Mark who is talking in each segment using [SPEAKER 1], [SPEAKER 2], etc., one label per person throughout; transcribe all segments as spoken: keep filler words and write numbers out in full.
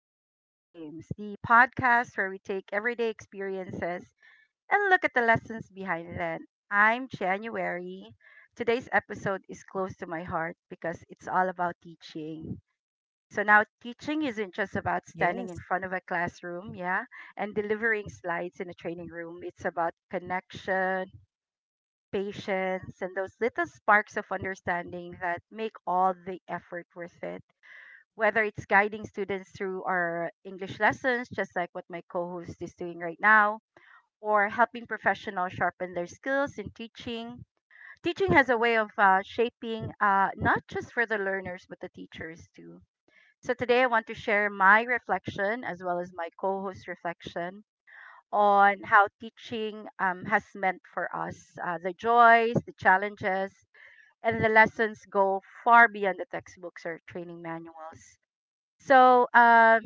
[SPEAKER 1] in Frames, the podcast where we take everyday experiences and look at the lessons behind them. I'm January. Today's episode is close to my heart because it's all about teaching. So now teaching isn't just about standing in
[SPEAKER 2] Yes.
[SPEAKER 1] front of a classroom, yeah, and delivering slides in a training room. It's about connection, patience, and those little sparks of understanding that make all the effort worth it, whether it's guiding students through our English lessons, just like what my co host is doing right now, or helping professionals sharpen their skills in teaching. Teaching has a way of uh, shaping, uh, not just for the learners, but the teachers too. So today I want to share my reflection as well as my co host reflection on how teaching um, has meant for us. Uh, the joys, the challenges, and the lessons go far beyond the textbooks or training manuals. So, um,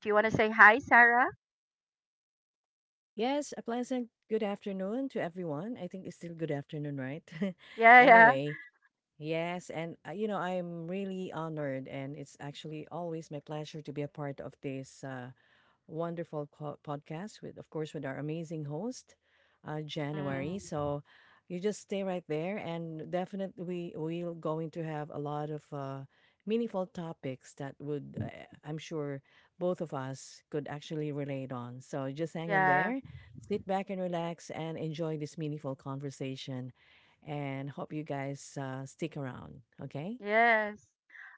[SPEAKER 1] do you want to say hi, Sarah?
[SPEAKER 2] Yes, a pleasant good afternoon to everyone. I think it's still good afternoon, right?
[SPEAKER 1] Yeah, yeah.
[SPEAKER 2] Anyway, yes, and uh, you know, I'm really honored and it's actually always my pleasure to be a part of this uh wonderful co- podcast with, of course, with our amazing host, uh, January.
[SPEAKER 1] Mm,
[SPEAKER 2] So you just stay right there, and definitely we we're going to have a lot of uh, meaningful topics that would, uh, I'm sure, both of us could actually relate on. So just hang on
[SPEAKER 1] yeah,
[SPEAKER 2] there, sit back and relax, and enjoy this meaningful conversation. And hope you guys uh, stick around. Okay.
[SPEAKER 1] yes.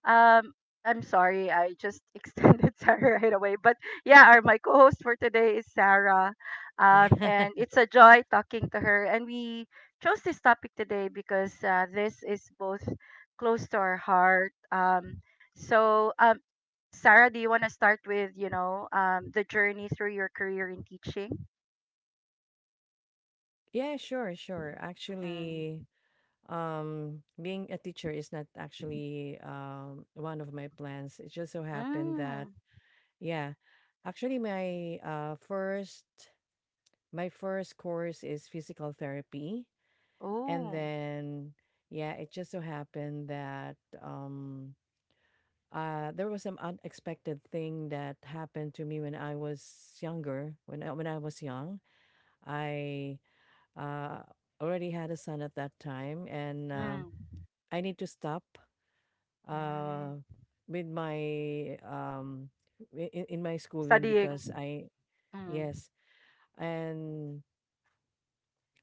[SPEAKER 1] Um, I'm sorry, I just extended Sarah right away. But yeah, our my co-host for today is Sarah. Um, and
[SPEAKER 2] Yeah.
[SPEAKER 1] it's a joy talking to her. And we chose this topic today because uh, this is both close to our heart. Um, so um, Sarah, do you want to start with, you know, um, the journey through your career in teaching?
[SPEAKER 2] Yeah, sure, sure. Actually,
[SPEAKER 1] Mm.
[SPEAKER 2] Um, being a teacher is not actually um one of my plans. It just so happened that
[SPEAKER 1] Mm.
[SPEAKER 2] yeah, actually my uh first my first course is physical therapy, and
[SPEAKER 1] Oh.
[SPEAKER 2] then yeah, it just so happened that um uh there was some unexpected thing that happened to me when I was younger. When I, when I was young, I uh already had a son at that time, and um
[SPEAKER 1] Mm.
[SPEAKER 2] I need to stop
[SPEAKER 1] Mm.
[SPEAKER 2] uh, with my um i- in, in my schooling because
[SPEAKER 1] Studying.
[SPEAKER 2] I
[SPEAKER 1] Mm.
[SPEAKER 2] yes and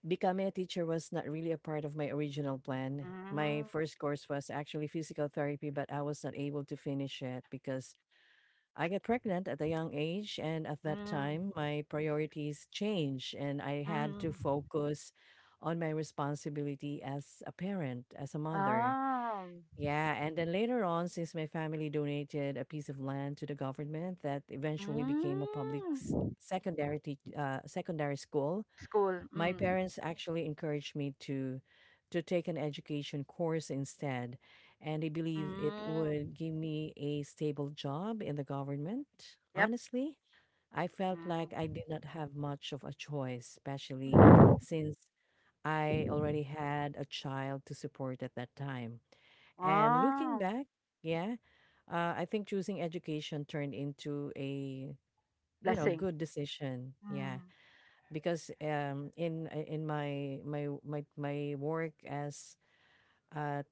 [SPEAKER 2] becoming a teacher was not really a part of my original plan. My
[SPEAKER 1] Mm.
[SPEAKER 2] first course was actually physical therapy, but I was not able to finish it because I got pregnant at a young age, and at that
[SPEAKER 1] Mm.
[SPEAKER 2] time my priorities changed, and I had to
[SPEAKER 1] Mm.
[SPEAKER 2] focus on my responsibility as a parent, as a mother.
[SPEAKER 1] Ah.
[SPEAKER 2] Yeah, and then later on, since my family donated a piece of land to the government that eventually became a public s-
[SPEAKER 1] Mm.
[SPEAKER 2] secondary tea- uh, secondary school,
[SPEAKER 1] School.
[SPEAKER 2] my
[SPEAKER 1] Mm.
[SPEAKER 2] parents actually encouraged me to to take an education course instead, and they believe it
[SPEAKER 1] Mm.
[SPEAKER 2] would give me a stable job in the government.
[SPEAKER 1] Yep.
[SPEAKER 2] Honestly, I felt
[SPEAKER 1] Mm.
[SPEAKER 2] like I did not have much of a choice, especially since I already had a child to support at that time. And looking
[SPEAKER 1] Wow.
[SPEAKER 2] back, yeah, uh, I think choosing education turned into a you know
[SPEAKER 1] Blessing.
[SPEAKER 2] good decision. Yeah,
[SPEAKER 1] Mm.
[SPEAKER 2] because um, in uh, in my my my my work as a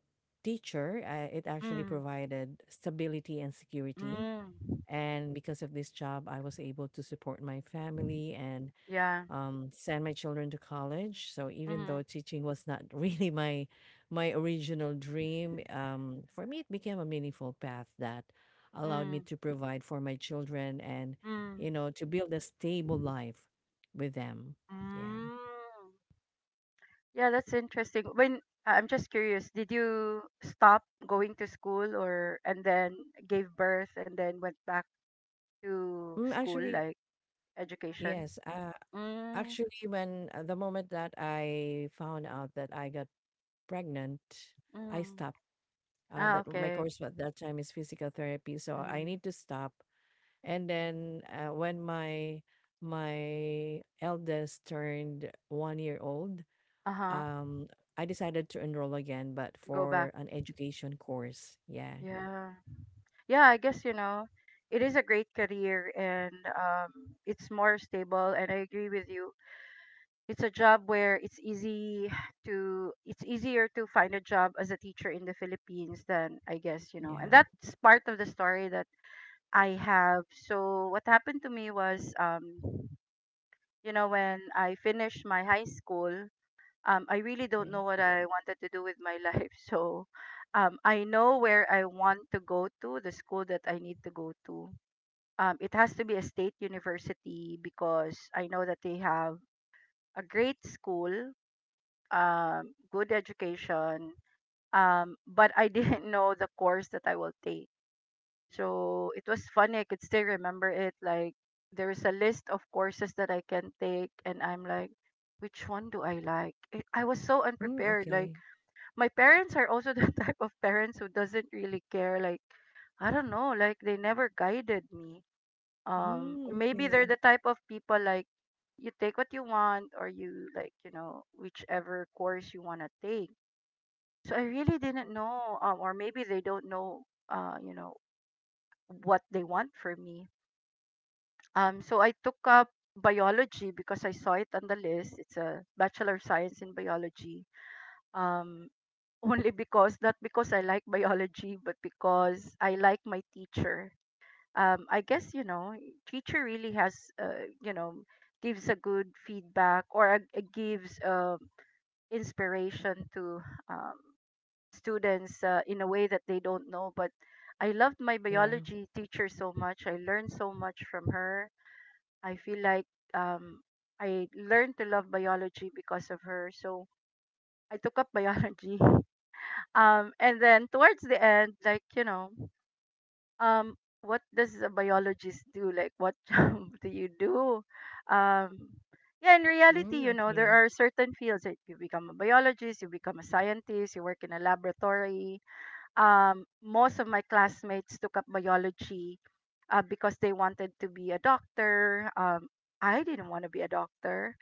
[SPEAKER 2] teacher, uh, it actually
[SPEAKER 1] Mm.
[SPEAKER 2] provided stability and security.
[SPEAKER 1] Mm.
[SPEAKER 2] And because of this job, I was able to support my family and
[SPEAKER 1] Yeah.
[SPEAKER 2] um, send my children to college. So even though
[SPEAKER 1] Mm.
[SPEAKER 2] teaching was not really my my original dream, um, for me it became a meaningful path that allowed me
[SPEAKER 1] Mm.
[SPEAKER 2] to provide for my children and
[SPEAKER 1] Mm.
[SPEAKER 2] you know to build a stable life with them. Yeah.
[SPEAKER 1] Mm. Yeah, that's interesting. When uh, I'm just curious, did you stop going to school or and then gave birth and then went back to
[SPEAKER 2] Mm,
[SPEAKER 1] school
[SPEAKER 2] actually,
[SPEAKER 1] like education?
[SPEAKER 2] yes. Uh,
[SPEAKER 1] Mm,
[SPEAKER 2] actually, when uh, the moment that I found out that I got pregnant, I
[SPEAKER 1] mm.
[SPEAKER 2] stopped. Uh,
[SPEAKER 1] Ah,
[SPEAKER 2] that my
[SPEAKER 1] okay.
[SPEAKER 2] course at that time is physical therapy, so I
[SPEAKER 1] Mm.
[SPEAKER 2] need to stop. And then uh, when my my eldest turned one year old,
[SPEAKER 1] Uh-huh.
[SPEAKER 2] um, I decided to enroll again, but
[SPEAKER 1] Go back.
[SPEAKER 2] for an education course. Yeah.
[SPEAKER 1] Yeah. Yeah, I guess, you know, it is a great career and um it's more stable, and I agree with you. It's a job where it's easy to it's easier to find a job as a teacher in the Philippines than, I guess, you know, and
[SPEAKER 2] Yeah.
[SPEAKER 1] that's part of the story that I have. So what happened to me was, um you know, when I finished my high school, um I really don't know
[SPEAKER 2] okay.
[SPEAKER 1] what I wanted to do with my life. So um I know where I want to go, to the school that I need to go to. Um it has to be a state university because I know that they have a great school, um, good education. Um, but I didn't know the course that I will take. So it was funny. I could still remember it. Like, there is a list of courses that I can take, and I'm like, which one do I like? It, I was so
[SPEAKER 2] Mm,
[SPEAKER 1] unprepared. Like,
[SPEAKER 2] okay.
[SPEAKER 1] my parents are also the type of parents who doesn't really care. Like, I don't know. Like, they never guided me. Um,
[SPEAKER 2] Mm,
[SPEAKER 1] maybe they're
[SPEAKER 2] okay.
[SPEAKER 1] the type of people like, you take what you want or you, like, you know, whichever course you want to take. So I really didn't know, um, or maybe they don't know, uh, you know, what they want for me. Um, so I took up biology because I saw it on the list. It's a Bachelor of Science in Biology. Um, only because, not because I like biology, but because I like my teacher. Um, I guess, you know, teacher really has, uh, you know, gives a good feedback, or a, a gives um inspiration to um, students, uh, in a way that they don't know. But I loved my
[SPEAKER 2] Yeah.
[SPEAKER 1] biology teacher so much. I learned so much from her. I feel like um, I learned to love biology because of her. So I took up biology. Um, and then towards the end, like, you know, um, what does a biologist do? Like, what job do you do? Um, yeah, in reality,
[SPEAKER 2] Mm,
[SPEAKER 1] you know, there
[SPEAKER 2] okay.
[SPEAKER 1] are certain fields that you become a biologist, you become a scientist, you work in a laboratory. Um, most of my classmates took up biology uh, because they wanted to be a doctor. Um, I didn't want to be a doctor.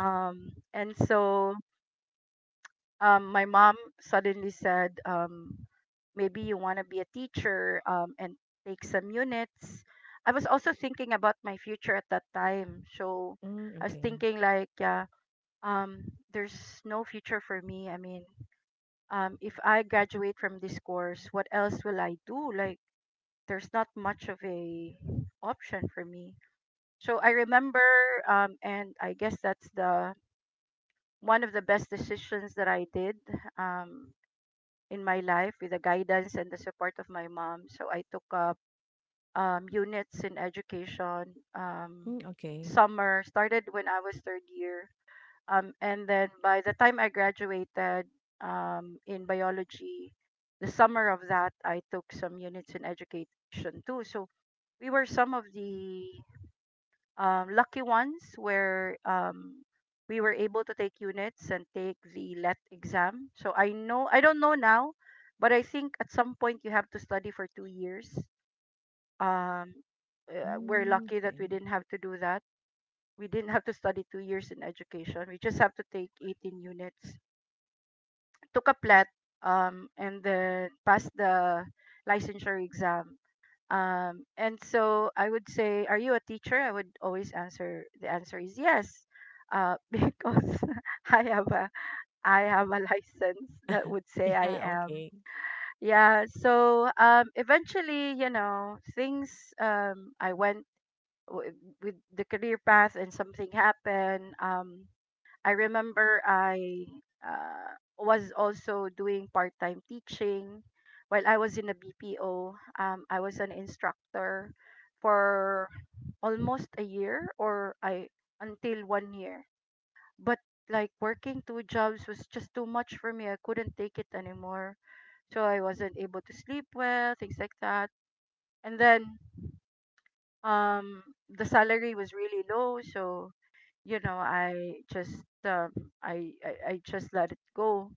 [SPEAKER 1] Um, and so um, my mom suddenly said, um, maybe you want to be a teacher um, and take some units. I was also thinking about my future at that time. So
[SPEAKER 2] Mm,
[SPEAKER 1] I was
[SPEAKER 2] okay.
[SPEAKER 1] thinking, like, yeah, um, there's no future for me. I mean, um, if I graduate from this course, what else will I do? Like, there's not much of a option for me. So I remember, um, and I guess that's the one of the best decisions that I did um, in my life, with the guidance and the support of my mom. So I took up um, units in education. Um,
[SPEAKER 2] Mm, okay.
[SPEAKER 1] summer started when I was third year, um, and then by the time I graduated, um, in biology, the summer of that I took some units in education too. So we were some of the um, lucky ones where um, we were able to take units and take the let exam. so i know I don't know now, but I think at some point you have to study for two years. um, uh, we're
[SPEAKER 2] Mm,
[SPEAKER 1] lucky that
[SPEAKER 2] okay.
[SPEAKER 1] we didn't have to do that. We didn't have to study two years in education. We just have to take eighteen units, took a plat, um, and then passed the licensure exam. Um, and so I would say, "Are you a teacher?" I would always answer, the answer is yes, uh, because I have a I have a license that would say I
[SPEAKER 2] Yeah.
[SPEAKER 1] am.
[SPEAKER 2] Okay.
[SPEAKER 1] Yeah. So um, eventually, you know, things, um, I went w- with the career path, and something happened. Um, I remember I uh, was also doing part time teaching while I was in a B P O. Um, I was an instructor for almost a year or I until one year. But like, working two jobs was just too much for me. I couldn't take it anymore. So I wasn't able to sleep well, things like that. And then um the salary was really low. So you know, i just um, I, I I just let it go.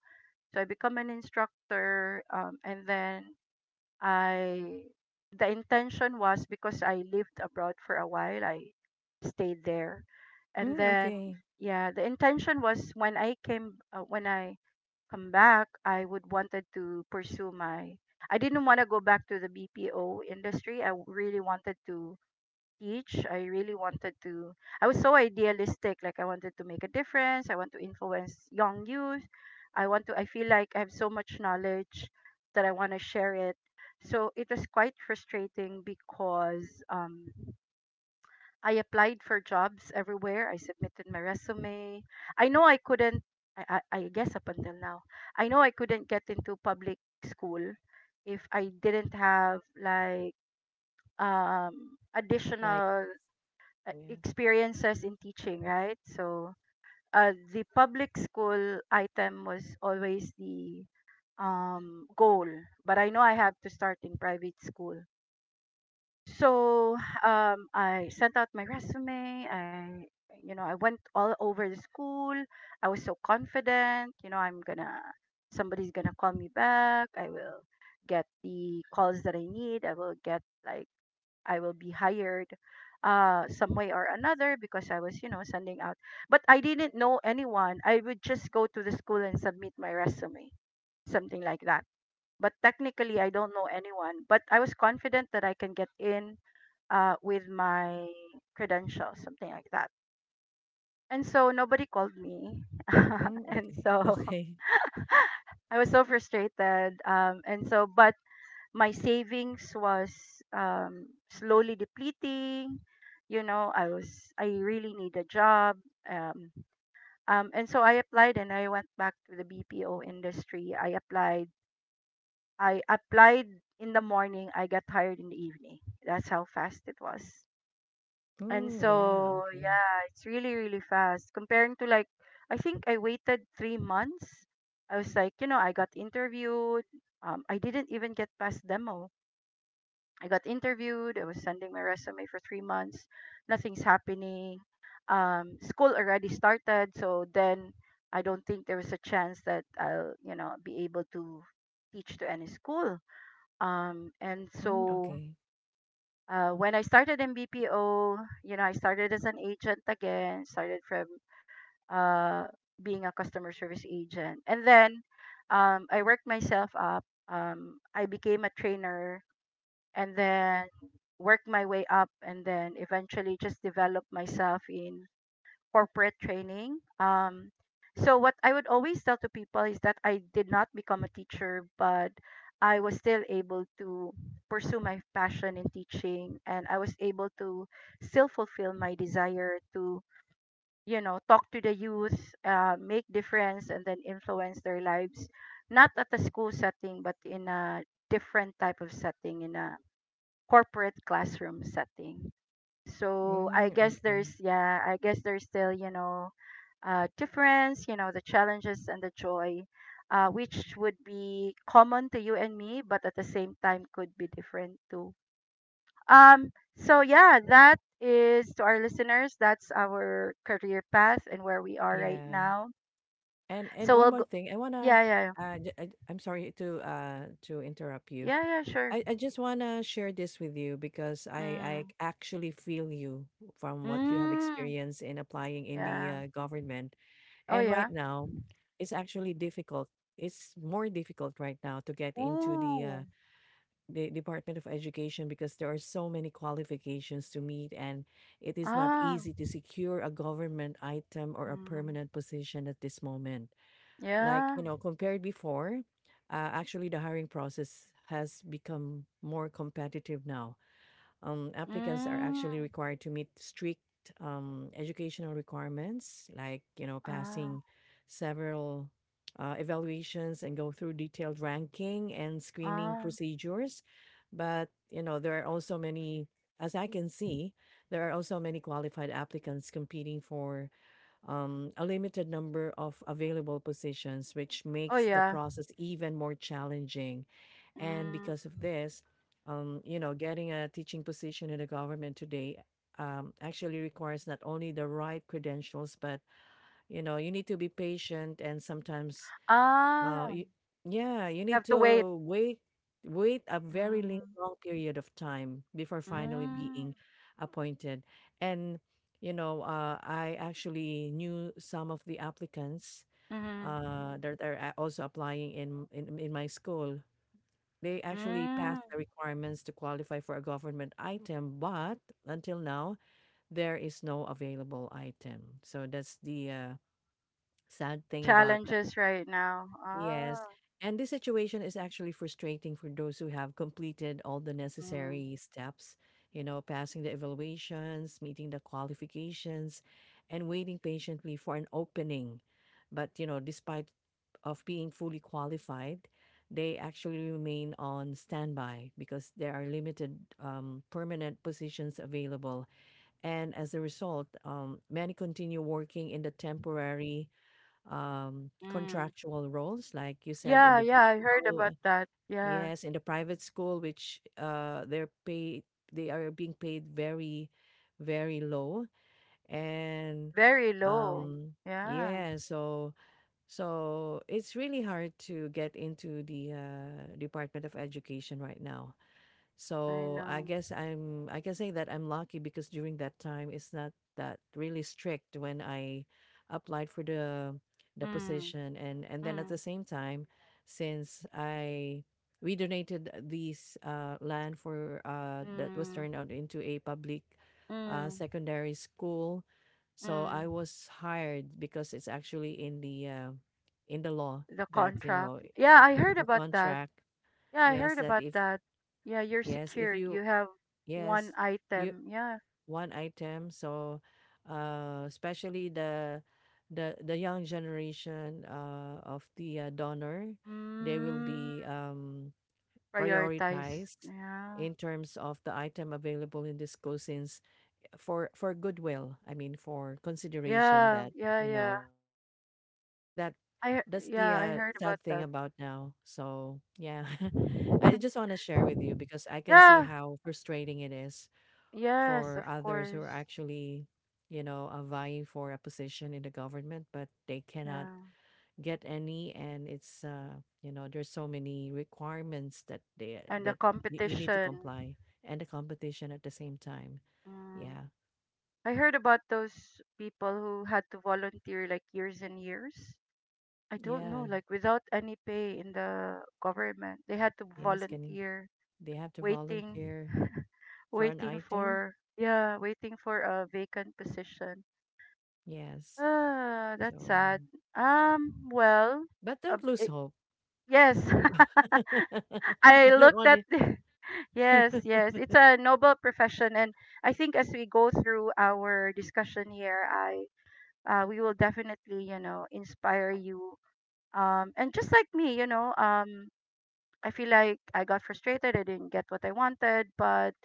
[SPEAKER 1] So I become an instructor, um, and then I the intention was because I lived abroad for a while, I stayed there. And
[SPEAKER 2] Mm,
[SPEAKER 1] then
[SPEAKER 2] okay.
[SPEAKER 1] yeah, the intention was when I came uh, when I come back, I would wanted to pursue my, I didn't want to go back to the bpo industry. I really wanted to teach. I really wanted to, I was so idealistic. Like, I wanted to make a difference. I want to influence young youth. I want to, I feel like I have so much knowledge that I want to share it. So it was quite frustrating because, um, I applied for jobs everywhere. I submitted my resume. I know I couldn't, I, I, I guess up until now, I know I couldn't get into public school if I didn't have like um
[SPEAKER 2] Like,
[SPEAKER 1] additional uh,
[SPEAKER 2] yeah.
[SPEAKER 1] experiences in teaching, right? So uh, the public school item was always the um, goal, but I know I have to start in private school. So um, I sent out my resume. I You know, I went all over the school. I was so confident. You know I'm gonna Somebody's gonna call me back. I will get the calls that I need. I will get like I will be hired uh some way or another because I was, you know, sending out. But I didn't know anyone. I would just go to the school and submit my resume, something like that. But technically I don't know anyone, but I was confident that I can get in uh with my credentials, something like that. And so nobody called me.
[SPEAKER 2] Mm,
[SPEAKER 1] and
[SPEAKER 2] okay.
[SPEAKER 1] so
[SPEAKER 2] Okay.
[SPEAKER 1] I was so frustrated. Um, and so, but my savings was um, slowly depleting. You know, I was I really need a job. Um, um, and so I applied and I went back to the B P O industry. I applied. I applied in the morning. I got hired in the evening. That's how fast it was. And
[SPEAKER 2] Mm, yeah.
[SPEAKER 1] so
[SPEAKER 2] Okay.
[SPEAKER 1] yeah, it's really really fast comparing to, like, I think I waited three months. I was like, you know, I got interviewed. Um, I didn't even get past demo I got interviewed. I was sending my resume for three months. Nothing's happening. Um, school already started, so then I don't think there was a chance that I'll, you know, be able to teach to any school. Um, and
[SPEAKER 2] Mm,
[SPEAKER 1] so
[SPEAKER 2] okay.
[SPEAKER 1] uh, When I started in B P O, you know, I started as an agent again. Started from uh, being a customer service agent, and then um, I worked myself up. Um, I became a trainer and then work my way up, and then eventually just develop myself in corporate training. Um, so what I would always tell to people is that I did not become a teacher, but I was still able to pursue my passion in teaching and I was able to still fulfill my desire to, you know, talk to the youth, uh, make difference and then influence their lives, not at the school setting, but in a different type of setting in a corporate classroom setting. So I
[SPEAKER 2] Mm,
[SPEAKER 1] guess
[SPEAKER 2] okay.
[SPEAKER 1] there's yeah, I guess there's still you know, uh, difference. You know the challenges and the joy, uh, which would be common to you and me, but at the same time could be different too. Um. So yeah, that is to our listeners. That's our career path and where we are right
[SPEAKER 2] Yeah,
[SPEAKER 1] now.
[SPEAKER 2] and and
[SPEAKER 1] So
[SPEAKER 2] one
[SPEAKER 1] we'll
[SPEAKER 2] more
[SPEAKER 1] go.
[SPEAKER 2] thing, I wanna,
[SPEAKER 1] Yeah, yeah,
[SPEAKER 2] uh, j- I am sorry to uh to interrupt you.
[SPEAKER 1] yeah, yeah, yeah, sure.
[SPEAKER 2] I, I just wanna share this with you because I I
[SPEAKER 1] Mm.
[SPEAKER 2] actually feel you from what you have
[SPEAKER 1] Mm.
[SPEAKER 2] experienced in applying in the
[SPEAKER 1] Yeah.
[SPEAKER 2] uh, government,
[SPEAKER 1] Oh
[SPEAKER 2] and
[SPEAKER 1] yeah.
[SPEAKER 2] right now, it's actually difficult. It's more difficult right now to get into the uh,
[SPEAKER 1] Ooh.
[SPEAKER 2] the Department of Education because there are so many qualifications to meet, and it is not
[SPEAKER 1] Ah.
[SPEAKER 2] easy to secure a government item or a
[SPEAKER 1] Mm.
[SPEAKER 2] permanent position at this moment. Like,
[SPEAKER 1] Yeah.
[SPEAKER 2] you know, compared before, uh, actually the hiring process has become more competitive now. Um, applicants are
[SPEAKER 1] Mm.
[SPEAKER 2] actually required to meet strict um, educational requirements, like, you know,
[SPEAKER 1] Ah,
[SPEAKER 2] passing several uh, evaluations and go through detailed ranking and screening
[SPEAKER 1] ah.
[SPEAKER 2] procedures. But, you know, there are also many, as I can see, there are also many qualified applicants competing for um, a limited number of available positions, which
[SPEAKER 1] Oh,
[SPEAKER 2] makes the
[SPEAKER 1] yeah.
[SPEAKER 2] process even more challenging. And
[SPEAKER 1] Mm.
[SPEAKER 2] because of this, um, you know, getting a teaching position in the government today um, actually requires not only the right credentials, but you know, you need to be patient and sometimes
[SPEAKER 1] Ah,
[SPEAKER 2] uh, y yeah, you
[SPEAKER 1] you
[SPEAKER 2] need
[SPEAKER 1] have to
[SPEAKER 2] to
[SPEAKER 1] wait.
[SPEAKER 2] wait wait a very li-
[SPEAKER 1] Mm.
[SPEAKER 2] long period of time before finally
[SPEAKER 1] Mm.
[SPEAKER 2] being appointed. And you know, uh, I actually knew some of the applicants
[SPEAKER 1] Mm.
[SPEAKER 2] uh, that are a- also applying in, in in my school. They actually
[SPEAKER 1] Mm.
[SPEAKER 2] passed the requirements to qualify for a government item, but until now, there is no available item. So that's the uh, sad thing about that.
[SPEAKER 1] Challenges right now.
[SPEAKER 2] Yes.
[SPEAKER 1] Ah.
[SPEAKER 2] And this situation is actually frustrating for those who have completed all the
[SPEAKER 1] Mm.
[SPEAKER 2] necessary steps, you know, passing the evaluations, meeting the qualifications, and waiting patiently for an opening. But, you know, despite of being fully qualified, they actually remain on standby because there are limited um, permanent positions available. And as a result, um, many continue working in the temporary um,
[SPEAKER 1] Mm.
[SPEAKER 2] contractual roles, like you said in
[SPEAKER 1] Yeah,
[SPEAKER 2] the
[SPEAKER 1] yeah, I heard
[SPEAKER 2] B P O.
[SPEAKER 1] about
[SPEAKER 2] uh,
[SPEAKER 1] that. Yeah.
[SPEAKER 2] Yes, in the private school, which uh, they're paid, they are being paid very, very low. And
[SPEAKER 1] Very low.
[SPEAKER 2] um,
[SPEAKER 1] Yeah,
[SPEAKER 2] yeah, so so it's really hard to get into the uh, Department of Education right now.
[SPEAKER 1] I
[SPEAKER 2] So I
[SPEAKER 1] know.
[SPEAKER 2] guess I'm I can say that I'm lucky because during that time it's not that really strict when I applied for the the
[SPEAKER 1] Mm.
[SPEAKER 2] position and and then at the
[SPEAKER 1] Mm.
[SPEAKER 2] same time since I we donated these uh, land for uh, that was
[SPEAKER 1] Mm.
[SPEAKER 2] turned out into a public uh,
[SPEAKER 1] Mm.
[SPEAKER 2] secondary school, so
[SPEAKER 1] Mm.
[SPEAKER 2] I was hired because it's actually in the uh, in the law,
[SPEAKER 1] The
[SPEAKER 2] that you know
[SPEAKER 1] contract. Yeah, I heard
[SPEAKER 2] the
[SPEAKER 1] about that.
[SPEAKER 2] contract,
[SPEAKER 1] Yeah, I
[SPEAKER 2] yes,
[SPEAKER 1] heard
[SPEAKER 2] that
[SPEAKER 1] about
[SPEAKER 2] if,
[SPEAKER 1] that. Yeah, you're
[SPEAKER 2] yes, if
[SPEAKER 1] secured.
[SPEAKER 2] you,
[SPEAKER 1] You have one
[SPEAKER 2] yes, you,
[SPEAKER 1] item. Yeah.
[SPEAKER 2] one item. So, uh, especially the the the young generation uh, of the uh, donor, they will
[SPEAKER 1] Mm,
[SPEAKER 2] be um,
[SPEAKER 1] prioritized.
[SPEAKER 2] prioritized
[SPEAKER 1] Yeah.
[SPEAKER 2] in terms of the item available in this school since eh, for for goodwill. I mean, for consideration,
[SPEAKER 1] Yeah,
[SPEAKER 2] that
[SPEAKER 1] yeah,
[SPEAKER 2] you
[SPEAKER 1] yeah.
[SPEAKER 2] know. So I think that
[SPEAKER 1] I
[SPEAKER 2] that's
[SPEAKER 1] he-
[SPEAKER 2] the
[SPEAKER 1] yeah, I
[SPEAKER 2] uh,
[SPEAKER 1] heard about
[SPEAKER 2] sad thing
[SPEAKER 1] that.
[SPEAKER 2] about now. So yeah, I just want to share with you because I can see
[SPEAKER 1] Yeah.
[SPEAKER 2] how frustrating it is
[SPEAKER 1] Yes, of
[SPEAKER 2] for others who are
[SPEAKER 1] course.
[SPEAKER 2] actually, you know, uh, vying for a position in the government, but they cannot
[SPEAKER 1] Yeah.
[SPEAKER 2] get any. And it's, uh, you know, there's so many requirements that they
[SPEAKER 1] And the
[SPEAKER 2] that y- you need to
[SPEAKER 1] competition.
[SPEAKER 2] comply, and the competition at the same time.
[SPEAKER 1] Mm.
[SPEAKER 2] Yeah,
[SPEAKER 1] I heard about those people who had to volunteer like years and years. I don't know,
[SPEAKER 2] yeah,
[SPEAKER 1] like without any pay in the government. They had to
[SPEAKER 2] yes. Can you,
[SPEAKER 1] volunteer
[SPEAKER 2] they have to
[SPEAKER 1] waiting
[SPEAKER 2] volunteer for an
[SPEAKER 1] waiting
[SPEAKER 2] item?
[SPEAKER 1] for yeah waiting for a vacant position.
[SPEAKER 2] Yes.
[SPEAKER 1] Ah, that's
[SPEAKER 2] So,
[SPEAKER 1] sad. um well
[SPEAKER 2] but
[SPEAKER 1] uh,
[SPEAKER 2] don't lose
[SPEAKER 1] it,
[SPEAKER 2] hope.
[SPEAKER 1] yes. I
[SPEAKER 2] I don't
[SPEAKER 1] looked
[SPEAKER 2] want
[SPEAKER 1] at
[SPEAKER 2] to.
[SPEAKER 1] the, yes, yes, it's a noble profession and I think as we go through our discussion here, I uh, we will definitely you know inspire you, um and just like me, you know um I feel like I got frustrated. I didn't get what I wanted, but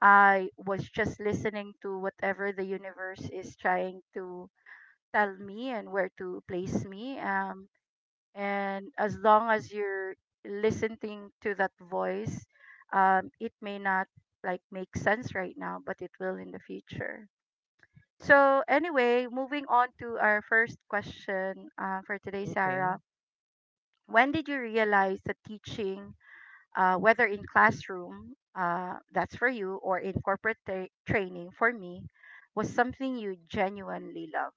[SPEAKER 1] I was just listening to whatever the universe is trying to tell me and where to place me. Um, and as long as you're listening to that voice, um, it may not like make sense right now, but it will in the future. So anyway, moving on to our first question uh, for today,
[SPEAKER 2] Okay.
[SPEAKER 1] Sarah. When did you realize that teaching uh, whether in classroom, uh, that's for you, or in corporate tra- training, for me, was something you genuinely love?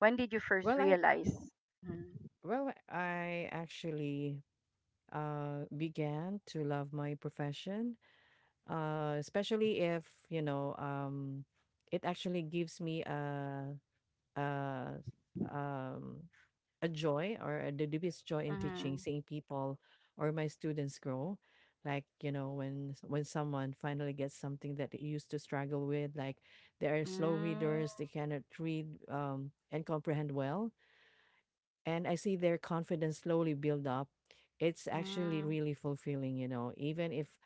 [SPEAKER 1] When did you first
[SPEAKER 2] Well, I
[SPEAKER 1] realize? Mm,
[SPEAKER 2] Well, I actually uh began to love my profession, uh especially if, you know, um it actually gives me a a um a joy or a, the deepest joy in teaching,
[SPEAKER 1] mhm,
[SPEAKER 2] seeing people or my students grow. Like, you know, when s- when someone finally gets something that they used to struggle with, like they are slow
[SPEAKER 1] mm,
[SPEAKER 2] readers, they cannot read um and comprehend well, and I see their confidence slowly build up. It's actually
[SPEAKER 1] mm,
[SPEAKER 2] really fulfilling, you know, even if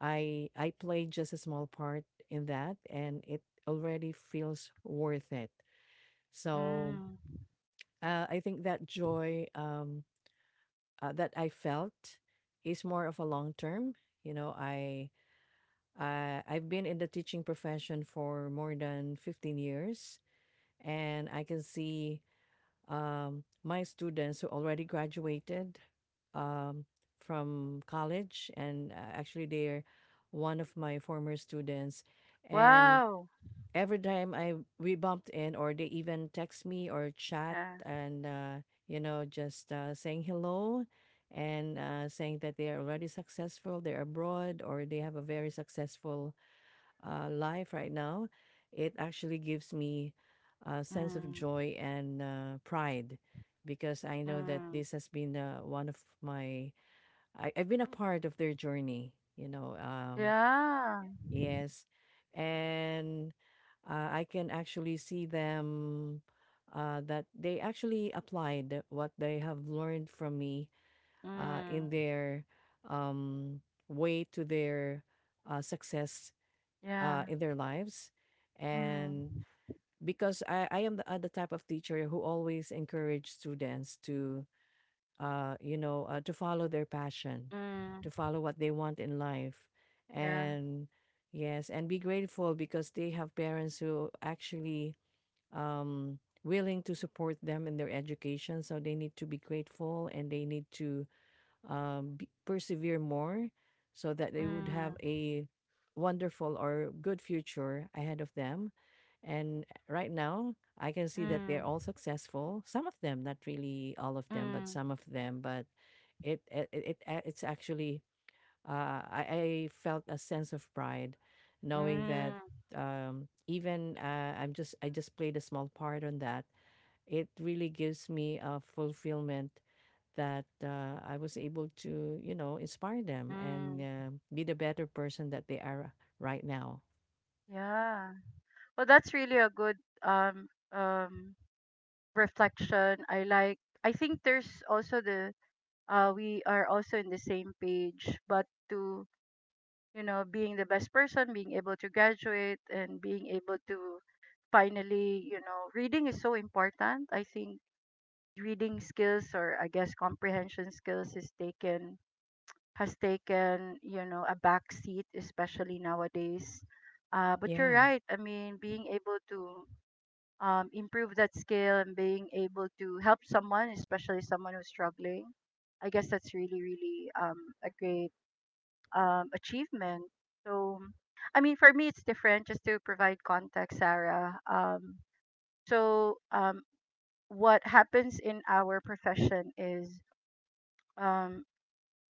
[SPEAKER 2] I I play just a small part in that, and it already feels worth it. So
[SPEAKER 1] mm.
[SPEAKER 2] uh, I think that joy, um, uh, that I felt, is more of a long term. You know, I uh, I've been in the teaching profession for more than fifteen years, and I can see um, my students who already graduated, um, from college, and uh, actually they're one of my former students. And
[SPEAKER 1] Wow.
[SPEAKER 2] every time I we bumped in, or they even text me or chat,
[SPEAKER 1] Yeah.
[SPEAKER 2] and uh, you know just uh, saying hello, and uh, saying that they are already successful, they're abroad, or they have a very successful uh, life right now, it actually gives me a sense of
[SPEAKER 1] Mm,
[SPEAKER 2] joy and uh, pride because I know that
[SPEAKER 1] mm.
[SPEAKER 2] this has been uh, one of my, I, I've been a part of their journey, you know. Um,
[SPEAKER 1] Yeah.
[SPEAKER 2] yes. And uh, I can actually see them, uh, that they actually applied what they have learned from me uh,
[SPEAKER 1] Mm,
[SPEAKER 2] in their um, way to their uh, success
[SPEAKER 1] yeah.
[SPEAKER 2] uh, in their lives.
[SPEAKER 1] Mm,
[SPEAKER 2] And because I, I am the, uh, the type of teacher who always encourage students to, uh, you know, uh, to follow their passion, to
[SPEAKER 1] mm,
[SPEAKER 2] follow what they want in life.
[SPEAKER 1] yeah.
[SPEAKER 2] And yes, and be grateful because they have parents who actually um, willing to support them in their education. So they need to be grateful, and they need to um, b- persevere more so that they would
[SPEAKER 1] Mm,
[SPEAKER 2] have a wonderful or good future ahead of them. And right now, I can see that
[SPEAKER 1] mm,
[SPEAKER 2] they're all successful. Some of them, not really all of them, but
[SPEAKER 1] mm,
[SPEAKER 2] some of them. But it it, it it- uh, it's actually, uh, I, I felt a sense of pride knowing that
[SPEAKER 1] mm,
[SPEAKER 2] um, even uh, I'm just I just played a small part on that. It really gives me a fulfillment that uh, I was able to, you know, inspire them and
[SPEAKER 1] mm.
[SPEAKER 2] uh, be the better person that they are right now.
[SPEAKER 1] Yeah. Well, that's really a good um um reflection. I like. I think there's also the uh we are also in the same page, but to you know being the best person, being able to graduate, and being able to finally you know reading is so important. I think reading skills or I guess comprehension skills is taken has taken you know a back seat, especially nowadays. Uh, but you're
[SPEAKER 2] Yeah.
[SPEAKER 1] right. I mean, being able to um, improve that skill and being able to help someone, especially someone who's struggling. I guess that's really, really um, a great um, achievement. So, I mean, for me, it's different just to provide context, Sarah. Um, so, um, what happens in our profession is um,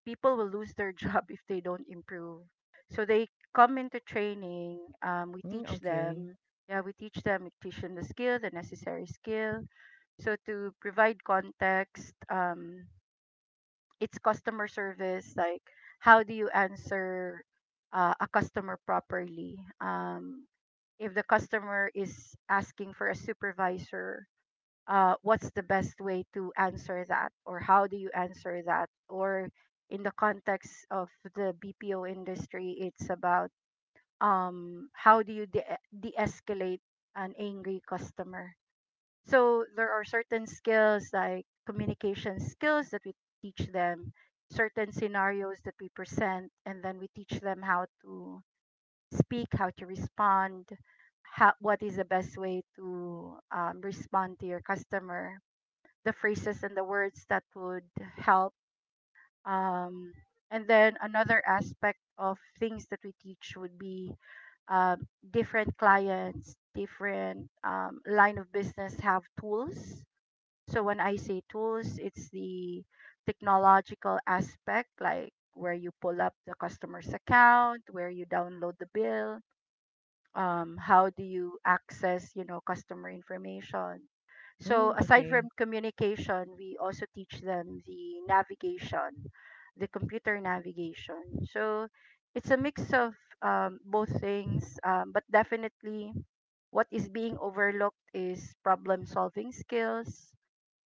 [SPEAKER 1] people will lose their job if they don't improve. So they come into training. Um, we
[SPEAKER 2] Mm,
[SPEAKER 1] teach
[SPEAKER 2] okay.
[SPEAKER 1] them. Yeah, we teach them. We teach them the skill, the necessary skill. So to provide context, um, it's customer service. Like, how do you answer uh, a customer properly? Um, if the customer is asking for a supervisor, uh, what's the best way to answer that or how do you answer that or in the context of the bpo industry it's about um, how do you de- de-escalate an angry customer. So there are certain skills like communication skills that we teach them, certain scenarios that we present and then we teach them how to speak, how to respond, how, what is the best way to um, respond to your customer, the phrases and the words that would help. Um, and then another aspect of things that we teach would be um, different clients, different um, line of business have tools. So when I say tools, it's the technological aspect, like where you pull up the customer's account, where you download the bill, um, how do you access you know customer information. So
[SPEAKER 2] Mm,
[SPEAKER 1] aside
[SPEAKER 2] okay.
[SPEAKER 1] from communication we also teach them the navigation, the computer navigation. So it's a mix of um, both things, um, but definitely what is being overlooked is problem solving skills.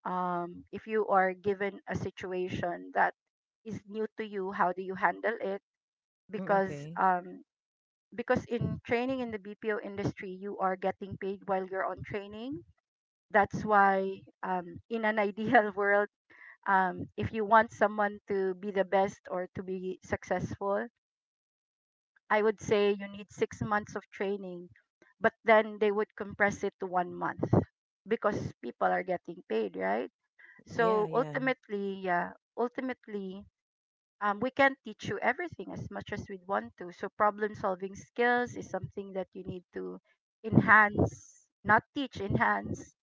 [SPEAKER 1] um, If you are given a situation that is new to you, how do you handle it?
[SPEAKER 2] Mm,
[SPEAKER 1] because
[SPEAKER 2] okay.
[SPEAKER 1] um, because in training in the B P O industry, you are getting paid while you're on training. That's why, um, in an ideal world, um, if you want someone to be the best or to be successful, I would say you need six months of training, but then they would compress it to one month because people are getting paid, right?
[SPEAKER 2] Yeah.
[SPEAKER 1] So
[SPEAKER 2] Yeah.
[SPEAKER 1] ultimately, yeah, ultimately, um, we can't teach you everything as much as we'd want to. So problem solving skills is something that you need to enhance, not teach, enhance,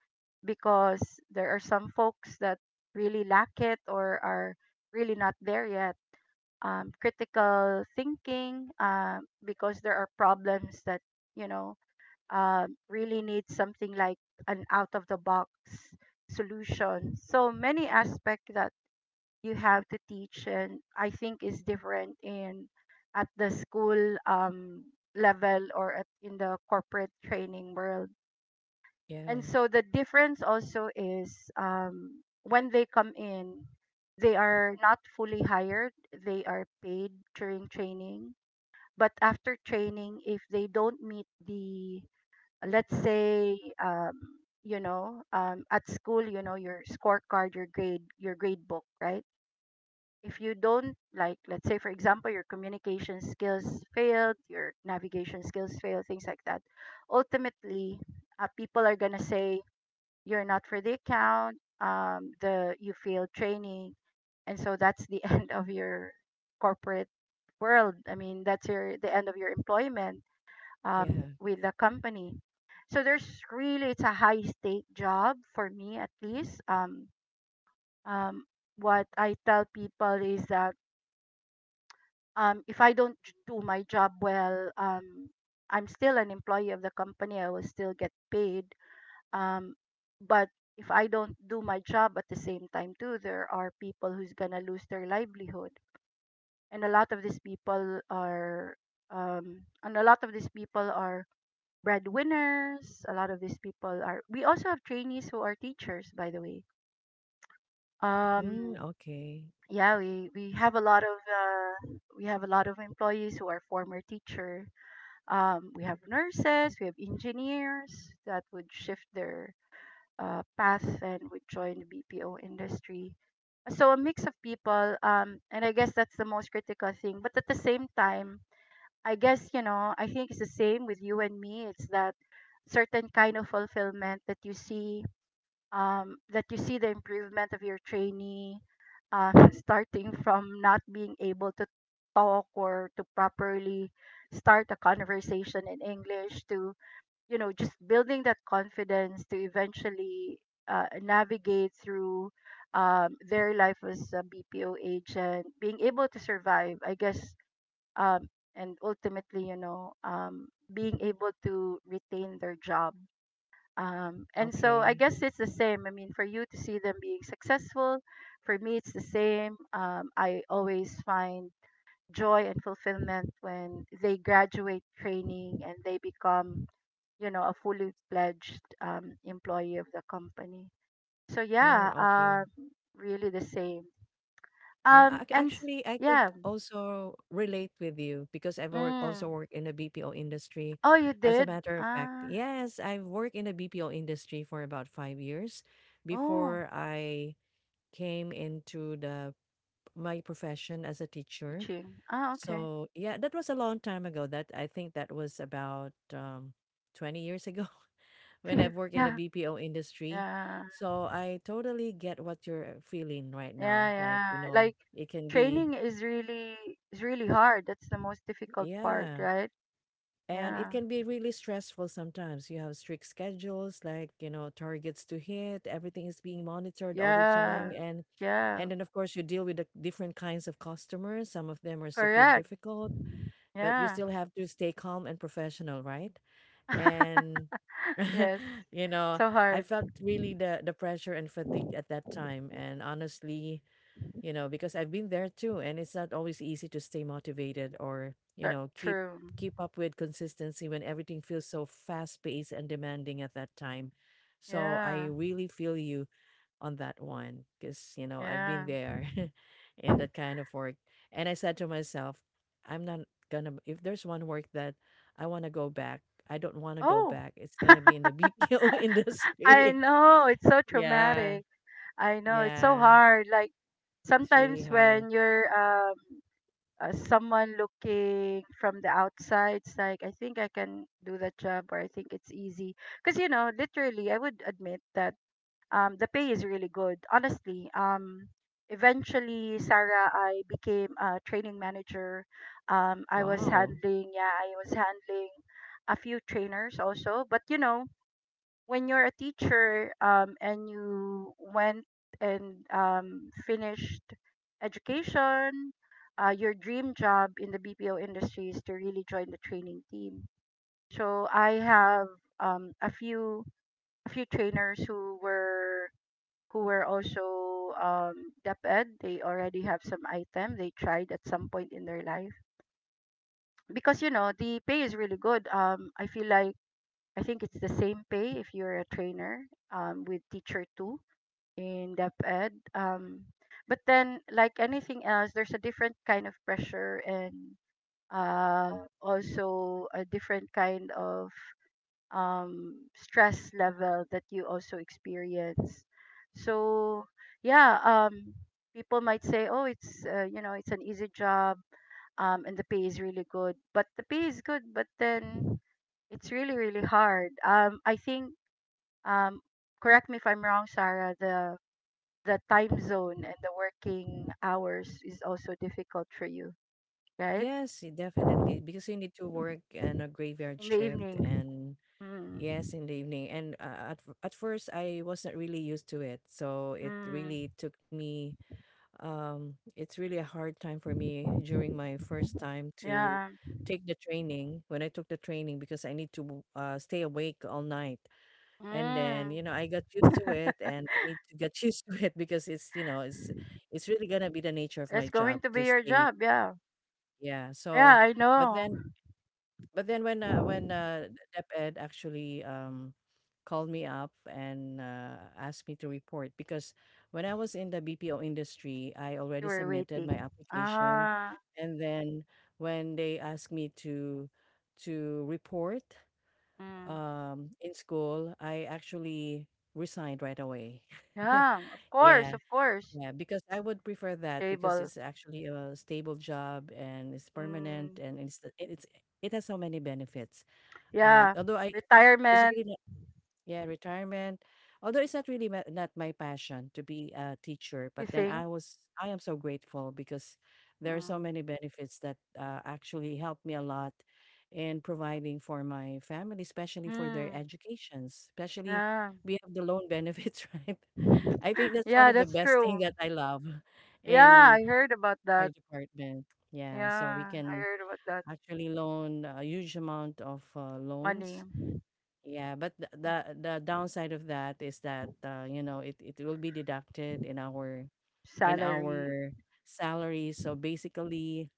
[SPEAKER 1] because there are some folks that really lack it or are really not there yet. Um, critical thinking, uh, because there are problems that you know um really need something like an out of the box solution. So many aspects that you have to teach and I think is different in at the school um, level or at, in the corporate training world.
[SPEAKER 2] Yeah.
[SPEAKER 1] And so the difference also is um, when they come in they are not fully hired, they are paid during training, but after training if they don't meet the let's say um, you know um, at school you know your scorecard, your grade, your grade book, right? If you don't like let's say for example your communication skills failed, your navigation skills failed, things like that, ultimately uh, people are going to say you're not for the account, um, the you failed training. And so that's the end of your corporate world, I mean that's your the end of your employment um,
[SPEAKER 2] Yeah.
[SPEAKER 1] with the company. So there's really, it's a high stake job for me at least. um, um, what I tell people is that um, if I don't j- do my job well, um, I'm still an employee of the company. I will still get paid. Um, but if I don't do my job at the same time too, there are people who's gonna lose their livelihood, and a lot of these people are, um, and a lot of these people are breadwinners. A lot of these people are. We also have trainees who are teachers, by the way.
[SPEAKER 2] Mm,
[SPEAKER 1] Um,
[SPEAKER 2] okay.
[SPEAKER 1] yeah, we we have a lot of uh, we have a lot of employees who are former teacher. Um, we have nurses, we have engineers that would shift their uh, path and would join the B P O industry. So a mix of people, um, and I guess that's the most critical thing. But at the same time, I guess you know, I think it's the same with you and me. It's that certain kind of fulfillment that you see um, that you see the improvement of your trainee, uh, starting from not being able to talk or to properly start a conversation in english to you know just building that confidence to eventually uh, navigate through um, their life as a bpo agent, being able to survive I guess, um, and ultimately you know um, being able to retain their job, um, and so I
[SPEAKER 2] Okay.
[SPEAKER 1] guess it's the same. I mean, for you to see them being successful, for me, it's the same. Um, I always find joy and fulfillment when they graduate training and they become, you know, a fully fledged um, employee of the company. So,
[SPEAKER 2] Mm,
[SPEAKER 1] yeah, um,
[SPEAKER 2] okay.
[SPEAKER 1] really the same.
[SPEAKER 2] Um,
[SPEAKER 1] Um,
[SPEAKER 2] ac-
[SPEAKER 1] and s-
[SPEAKER 2] actually, I could
[SPEAKER 1] yeah,
[SPEAKER 2] also relate with you because I've work,
[SPEAKER 1] mm.
[SPEAKER 2] also worked in the B P O industry.
[SPEAKER 1] Oh, you
[SPEAKER 2] As a
[SPEAKER 1] did?
[SPEAKER 2] matter of fact,
[SPEAKER 1] Ah,
[SPEAKER 2] yes, I've worked in the B P O industry for about five years
[SPEAKER 1] oh,
[SPEAKER 2] before I came into the my profession as a teacher.
[SPEAKER 1] teaching. Ah, okay.
[SPEAKER 2] So yeah, that was a long time ago. That I think that was about um, twenty years ago when I've worked in the
[SPEAKER 1] Yeah,
[SPEAKER 2] B P O industry.
[SPEAKER 1] yeah.
[SPEAKER 2] So I totally get what you're feeling right now.
[SPEAKER 1] Yeah,
[SPEAKER 2] Like,
[SPEAKER 1] yeah.
[SPEAKER 2] you know,
[SPEAKER 1] Like
[SPEAKER 2] it can be,
[SPEAKER 1] training is really is really hard. That's the most difficult part,
[SPEAKER 2] yeah,
[SPEAKER 1] right?
[SPEAKER 2] and it
[SPEAKER 1] Yeah.
[SPEAKER 2] can be really stressful sometimes. You have strict schedules, like, you know, targets to hit, everything is being monitored all the
[SPEAKER 1] Yeah.
[SPEAKER 2] time. And
[SPEAKER 1] Yeah.
[SPEAKER 2] and then of course you deal with the different kinds of customers. Some of them are super
[SPEAKER 1] Correct.
[SPEAKER 2] difficult, but you
[SPEAKER 1] Yeah.
[SPEAKER 2] still have to stay calm and professional, right? And
[SPEAKER 1] Yes.
[SPEAKER 2] you know,
[SPEAKER 1] So
[SPEAKER 2] I
[SPEAKER 1] hard.
[SPEAKER 2] felt really the the pressure and fatigue at that time. And honestly, you know, because I've been there too, and it's not always easy to stay motivated or you
[SPEAKER 1] Th-
[SPEAKER 2] know, keep
[SPEAKER 1] True.
[SPEAKER 2] keep up with consistency when everything feels so fast paced and demanding at that time. So I
[SPEAKER 1] Yeah.
[SPEAKER 2] really feel you on that one because you know, I've been
[SPEAKER 1] Yeah.
[SPEAKER 2] there in that kind of work. And I said to myself, I'm not gonna, if there's one work that I want to go back, I don't want to go
[SPEAKER 1] Oh.
[SPEAKER 2] back, it's gonna be in the BPO
[SPEAKER 1] I
[SPEAKER 2] industry.
[SPEAKER 1] know. It's so
[SPEAKER 2] Yeah,
[SPEAKER 1] traumatic. I know. It's so
[SPEAKER 2] yeah,
[SPEAKER 1] hard. Like
[SPEAKER 2] it's really
[SPEAKER 1] sometimes
[SPEAKER 2] hard.
[SPEAKER 1] when you're um uh, someone looking from the outside it's like I think I can do that job or I think it's easy. Because you know literally I would admit that um, the pay is really good honestly. Um, eventually Sarah, I became a training manager. Um, I was
[SPEAKER 2] Wow.
[SPEAKER 1] handling Yeah, I was handling a few trainers also but you know when you're a teacher um, and you went and um, finished education, uh, your dream job in the B P O industry is to really join the training team. So I have um, a few a few trainers who were who were also um, DepEd. They already have some item they tried at some point in their life because you know the pay is really good. Um, I feel like I think it's the same pay if you're a trainer um, with teacher two in depth ed. Um, but then, like anything else, there's a different kind of pressure and uh, also a different kind of um, stress level that you also experience. So, yeah, um, people might say, "Oh, it's uh, you know, it's an easy job, um, and the pay is really good." But the pay is good, but then it's really, really hard. Um, I think, um, correct me if I'm wrong, Sarah. The the time zone and the working hours is also difficult for you, right?
[SPEAKER 2] Yes, y- definitely, because you need to work and a graveyard
[SPEAKER 1] In the
[SPEAKER 2] shift
[SPEAKER 1] evening.
[SPEAKER 2] and
[SPEAKER 1] Mm.
[SPEAKER 2] yes, in the evening. And uh, at f- at first I wasn't really used to it. So it really
[SPEAKER 1] Mm.
[SPEAKER 2] took me um it's really a hard time for me during my first time to
[SPEAKER 1] Yeah.
[SPEAKER 2] take the training when I took the training because I need to w- uh, stay awake all night. And then,
[SPEAKER 1] Mm.
[SPEAKER 2] you know, I got used to it and I need to get used to it because it's, you know, it's it's really gonna be the nature of
[SPEAKER 1] That's
[SPEAKER 2] my
[SPEAKER 1] going
[SPEAKER 2] job
[SPEAKER 1] to
[SPEAKER 2] to
[SPEAKER 1] be your
[SPEAKER 2] stay.
[SPEAKER 1] job. Yeah.
[SPEAKER 2] Yeah.
[SPEAKER 1] Yeah,
[SPEAKER 2] So
[SPEAKER 1] I
[SPEAKER 2] but
[SPEAKER 1] know.
[SPEAKER 2] then but then when uh, when uh, DepEd actually um, called me up and uh, asked me to report because when I was in the B P O industry, I
[SPEAKER 1] You
[SPEAKER 2] already
[SPEAKER 1] were
[SPEAKER 2] submitted
[SPEAKER 1] waiting.
[SPEAKER 2] my application,
[SPEAKER 1] Ah.
[SPEAKER 2] and then when they asked me to to report
[SPEAKER 1] Mm.
[SPEAKER 2] um, in school, I actually resigned right away.
[SPEAKER 1] Yeah. Of course.
[SPEAKER 2] Yeah,
[SPEAKER 1] Of course.
[SPEAKER 2] yeah, because I would prefer that because
[SPEAKER 1] Table.
[SPEAKER 2] it's actually a stable job and it's
[SPEAKER 1] Mm.
[SPEAKER 2] permanent and it's it- it's it has so many benefits. Um,
[SPEAKER 1] Yeah.
[SPEAKER 2] although I, it's
[SPEAKER 1] Retirement.
[SPEAKER 2] really not, yeah, retirement. Although it's not really ma- not my passion to be a teacher,
[SPEAKER 1] You
[SPEAKER 2] but then
[SPEAKER 1] think?
[SPEAKER 2] I was, I am so grateful because there are so
[SPEAKER 1] Mm.
[SPEAKER 2] many benefits that uh, actually helped me a lot in providing for my family, especially for their
[SPEAKER 1] Hmm.
[SPEAKER 2] educations. Especially,
[SPEAKER 1] Yeah.
[SPEAKER 2] we have the loan benefits, right? I think that's one
[SPEAKER 1] Yeah,
[SPEAKER 2] of the
[SPEAKER 1] that's
[SPEAKER 2] best thing
[SPEAKER 1] true.
[SPEAKER 2] that I love
[SPEAKER 1] Yeah,
[SPEAKER 2] in
[SPEAKER 1] I heard about
[SPEAKER 2] our
[SPEAKER 1] that.
[SPEAKER 2] department. Yeah, so we
[SPEAKER 1] Yeah, I
[SPEAKER 2] can
[SPEAKER 1] heard about that.
[SPEAKER 2] actually loan a huge amount of uh,
[SPEAKER 1] Money.
[SPEAKER 2] loans, yeah, but the
[SPEAKER 1] Yeah,
[SPEAKER 2] the the downside of that is that uh, you know, it it will be deducted in our in
[SPEAKER 1] salary.
[SPEAKER 2] our salary. So basically,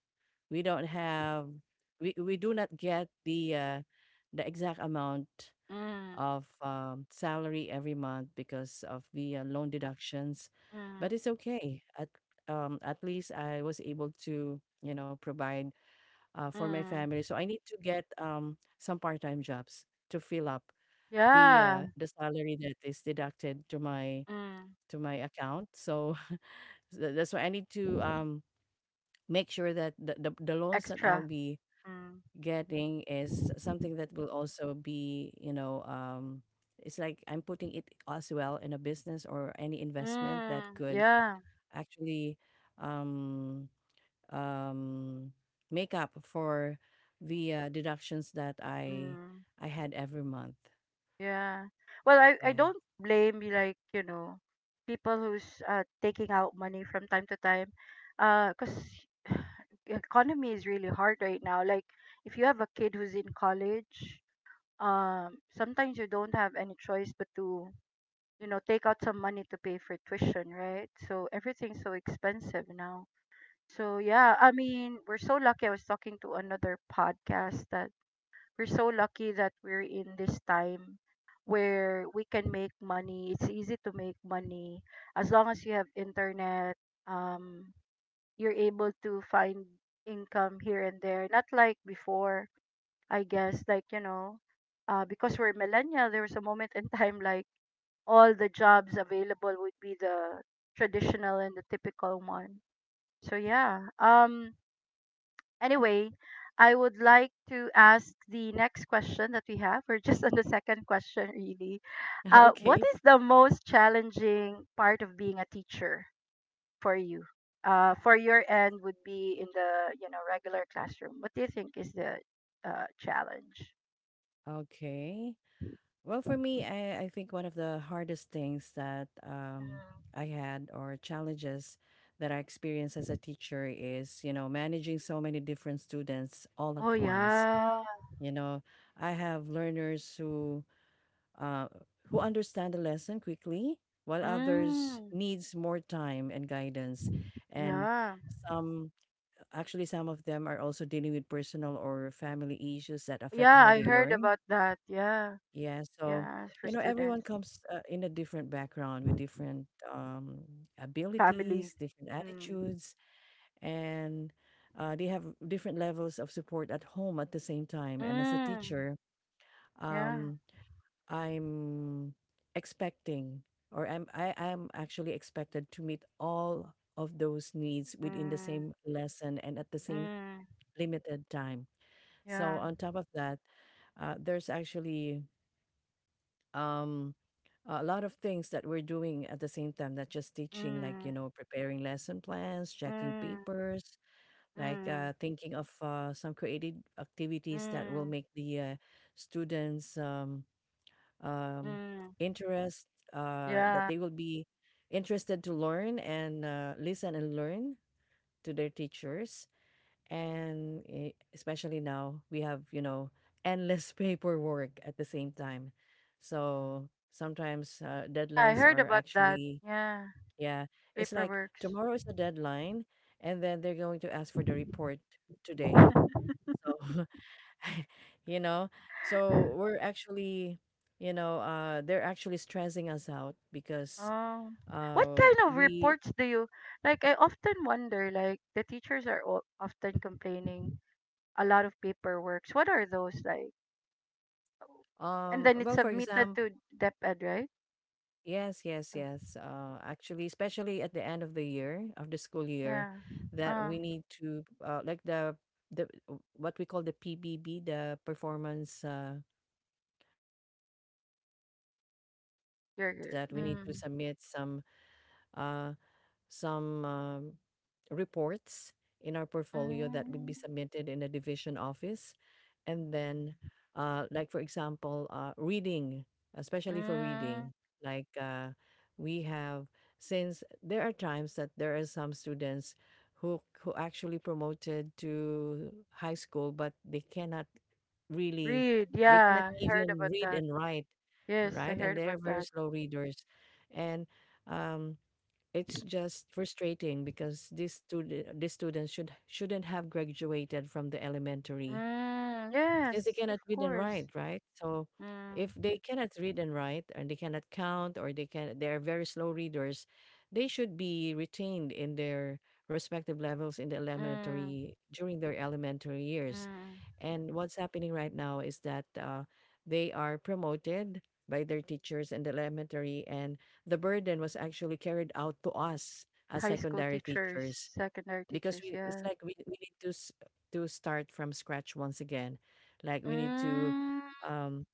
[SPEAKER 2] we don't have we we do not get the uh, the exact amount
[SPEAKER 1] Mm,
[SPEAKER 2] of um, salary every month because of the uh, loan deductions. But
[SPEAKER 1] mm,
[SPEAKER 2] it's okay. At um at least I was able to you know provide uh, for my family.
[SPEAKER 1] mm.
[SPEAKER 2] So I need to get um some part time jobs to fill up the uh,
[SPEAKER 1] Yeah.
[SPEAKER 2] the salary that is deducted to my
[SPEAKER 1] Mm.
[SPEAKER 2] to my account. So tha- that's why I need to um, make sure that the, the the loans that I'll
[SPEAKER 1] Extra.
[SPEAKER 2] be
[SPEAKER 1] Mm.
[SPEAKER 2] getting is something that will also be you know um, it's like I'm putting it as well in a business or any investment that
[SPEAKER 1] Mm.
[SPEAKER 2] could
[SPEAKER 1] Yeah.
[SPEAKER 2] actually um, um, make up for the uh, deductions that I
[SPEAKER 1] Mm.
[SPEAKER 2] I had every month.
[SPEAKER 1] Yeah. Well, I, I
[SPEAKER 2] Yeah.
[SPEAKER 1] don't blame you, like, you know, people who's uh, taking out money from time to time. Uh, cause economy is really hard right now. Like, if you have a kid who's in college, um, sometimes you don't have any choice but to you know take out some money to pay for tuition, right? So everything's so expensive now. So, yeah, I mean, we're so lucky. I was talking to another podcast that we're so lucky that we're in this time where we can make money. It's easy to make money as long as you have internet. um you're able to find income here and there, not like before. I guess, like, you know uh, because we're millennial, there was a moment in time, like, all the jobs available would be the traditional and the typical one. So, yeah. Um anyway, I would like to ask the next question that we have. We're just on the second question really. Uh what
[SPEAKER 2] Okay.
[SPEAKER 1] is the most challenging part of being a teacher for you? Uh for your end would be in the, you know, regular classroom. What do you think is the uh challenge?
[SPEAKER 2] Okay. Well, for me, I, I think one of the hardest things that um,
[SPEAKER 1] Mm.
[SPEAKER 2] I had or challenges that I experienced as a teacher is, you know, managing so many different students all
[SPEAKER 1] Oh
[SPEAKER 2] at once.
[SPEAKER 1] yeah.
[SPEAKER 2] You know, I have learners who uh, who understand the lesson quickly, while others
[SPEAKER 1] Mm,
[SPEAKER 2] needs more time and guidance, and
[SPEAKER 1] yeah.
[SPEAKER 2] some actually some of them are also dealing with personal or family issues that affect
[SPEAKER 1] Yeah,
[SPEAKER 2] how
[SPEAKER 1] I
[SPEAKER 2] they
[SPEAKER 1] heard
[SPEAKER 2] learn,
[SPEAKER 1] about that. Yeah.
[SPEAKER 2] yeah, so,
[SPEAKER 1] Yeah, it's for
[SPEAKER 2] you know, everyone
[SPEAKER 1] students,
[SPEAKER 2] comes uh, in a different background with different um,
[SPEAKER 1] family.
[SPEAKER 2] abilities, different
[SPEAKER 1] Mm.
[SPEAKER 2] attitudes, and uh, they have different levels of support at home at the same time. And as a
[SPEAKER 1] Mm,
[SPEAKER 2] teacher,
[SPEAKER 1] yeah.
[SPEAKER 2] um, I'm expecting, or I'm I am actually expected to meet all of those needs within the
[SPEAKER 1] Mm,
[SPEAKER 2] same lesson and at the same
[SPEAKER 1] mm,
[SPEAKER 2] limited time. So
[SPEAKER 1] yeah.
[SPEAKER 2] on top of that, uh, there's actually um a lot of things that we're doing at the same time, not just teaching, like you
[SPEAKER 1] Mm,
[SPEAKER 2] know, preparing lesson plans, checking
[SPEAKER 1] mm,
[SPEAKER 2] papers, like
[SPEAKER 1] mm,
[SPEAKER 2] uh, thinking of uh, some creative activities that will
[SPEAKER 1] mm,
[SPEAKER 2] make the uh, students um, um,
[SPEAKER 1] mm.
[SPEAKER 2] interest, uh, that
[SPEAKER 1] Yeah.
[SPEAKER 2] they will be interested to learn and uh, listen and learn to their teachers, and eh, especially now we have you know endless paperwork at the same time, so sometimes uh,
[SPEAKER 1] Yeah, I
[SPEAKER 2] deadlines
[SPEAKER 1] heard
[SPEAKER 2] are
[SPEAKER 1] about that.
[SPEAKER 2] actually,
[SPEAKER 1] Yeah,
[SPEAKER 2] yeah, it's like
[SPEAKER 1] paperworks.
[SPEAKER 2] tomorrow is a deadline and then they're going to ask for the report today. So you know, so we're actually you know uh they're actually stressing us out because
[SPEAKER 1] Oh. What
[SPEAKER 2] uh
[SPEAKER 1] kind of
[SPEAKER 2] we
[SPEAKER 1] reports do you like? I often wonder, like, the teachers are o- often complaining a lot of paperworks. What are those like? And
[SPEAKER 2] um
[SPEAKER 1] then it's
[SPEAKER 2] well, for
[SPEAKER 1] submitted
[SPEAKER 2] example,
[SPEAKER 1] to DepEd, right?
[SPEAKER 2] yes, yes,
[SPEAKER 1] Uh,
[SPEAKER 2] yes. Uh, actually, especially at the end of the year, of the school year,
[SPEAKER 1] Yeah.
[SPEAKER 2] that
[SPEAKER 1] Uh,
[SPEAKER 2] we need to uh, like the the uh, what we call the P B B, the performance uh, performance of uh, the
[SPEAKER 1] you're,
[SPEAKER 2] teachers, that
[SPEAKER 1] you're-
[SPEAKER 2] we need to
[SPEAKER 1] mm,
[SPEAKER 2] submit some uh, some um, reports in our portfolio that would
[SPEAKER 1] mm,
[SPEAKER 2] be submitted in a division office, and then uh, like for example uh, reading, especially for
[SPEAKER 1] mm.
[SPEAKER 2] reading, like uh, we have, since there are times that there are some students who who actually promoted to high school but they cannot really
[SPEAKER 1] Read,
[SPEAKER 2] they cannot
[SPEAKER 1] yeah. I heard
[SPEAKER 2] even
[SPEAKER 1] about
[SPEAKER 2] read
[SPEAKER 1] that.
[SPEAKER 2] and write,
[SPEAKER 1] Yes,
[SPEAKER 2] right,
[SPEAKER 1] I
[SPEAKER 2] and
[SPEAKER 1] heard
[SPEAKER 2] they're
[SPEAKER 1] about
[SPEAKER 2] very
[SPEAKER 1] that.
[SPEAKER 2] slow readers, and um, it's just frustrating because these student these students should shouldn't have graduated from the elementary
[SPEAKER 1] Mm,
[SPEAKER 2] since they
[SPEAKER 1] yes, of
[SPEAKER 2] cannot read and
[SPEAKER 1] course.
[SPEAKER 2] write, right? So
[SPEAKER 1] Mm,
[SPEAKER 2] if they cannot read and write and they cannot count or they can they are very slow readers, they should be retained in their respective levels in the
[SPEAKER 1] mm,
[SPEAKER 2] elementary during their elementary years.
[SPEAKER 1] mm.
[SPEAKER 2] And what's happening right now is that uh, they are promoted by their teachers in the elementary, and the burden was actually carried out to us as
[SPEAKER 1] High school
[SPEAKER 2] secondary
[SPEAKER 1] teachers,
[SPEAKER 2] teachers
[SPEAKER 1] secondary
[SPEAKER 2] because
[SPEAKER 1] teachers,
[SPEAKER 2] we it's
[SPEAKER 1] yeah.
[SPEAKER 2] like we, we need to s- to start from scratch once again, like we need to
[SPEAKER 1] Mm,
[SPEAKER 2] um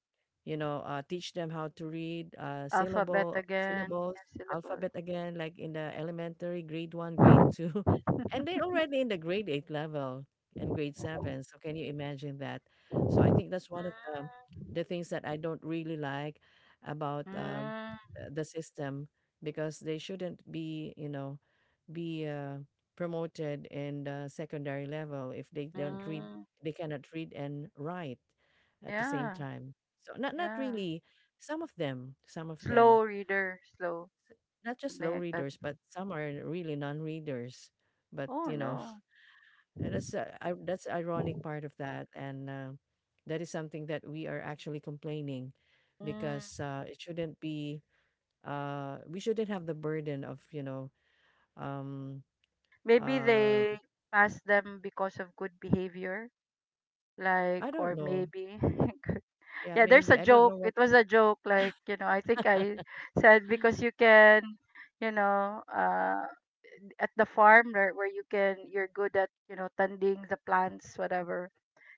[SPEAKER 2] you know, uh, teach them how to read, uh,
[SPEAKER 1] alphabet
[SPEAKER 2] syllable
[SPEAKER 1] again, yeah,
[SPEAKER 2] syllables,
[SPEAKER 1] syllables.
[SPEAKER 2] alphabet again, like in the elementary, grade one, grade two, and they're already in the grade eight level and grade seven. So can you imagine that? So I think that's one of the the things that I don't really like about um,
[SPEAKER 1] Mm,
[SPEAKER 2] uh, the system because they shouldn't be, you know, be uh, promoted in the secondary level if they don't
[SPEAKER 1] mm,
[SPEAKER 2] read,
[SPEAKER 1] mm.
[SPEAKER 2] they cannot read and write at the same
[SPEAKER 1] Yeah,
[SPEAKER 2] time. So not not
[SPEAKER 1] yeah.
[SPEAKER 2] really some of them, some of
[SPEAKER 1] Slow
[SPEAKER 2] them
[SPEAKER 1] reader, slow,
[SPEAKER 2] s- not just
[SPEAKER 1] something
[SPEAKER 2] slow
[SPEAKER 1] like that.
[SPEAKER 2] readers, but some are really non-readers. But
[SPEAKER 1] Oh
[SPEAKER 2] you know,
[SPEAKER 1] no.
[SPEAKER 2] that's uh, I, that's ironic part of that, and uh, that is something that we are actually complaining because
[SPEAKER 1] Mm.
[SPEAKER 2] uh, it shouldn't be. Uh, we shouldn't have the burden of you know. Um,
[SPEAKER 1] Maybe
[SPEAKER 2] uh,
[SPEAKER 1] they pass them because of good behavior, like,
[SPEAKER 2] I don't
[SPEAKER 1] or
[SPEAKER 2] know.
[SPEAKER 1] maybe.
[SPEAKER 2] Yeah,
[SPEAKER 1] Yeah, there's a
[SPEAKER 2] maybe I don't
[SPEAKER 1] joke.
[SPEAKER 2] know
[SPEAKER 1] It
[SPEAKER 2] what.
[SPEAKER 1] was a joke, like you know. I think I said because you can, you know, uh, at the farm where, where you can, you're good at, you know, tending the plants, whatever.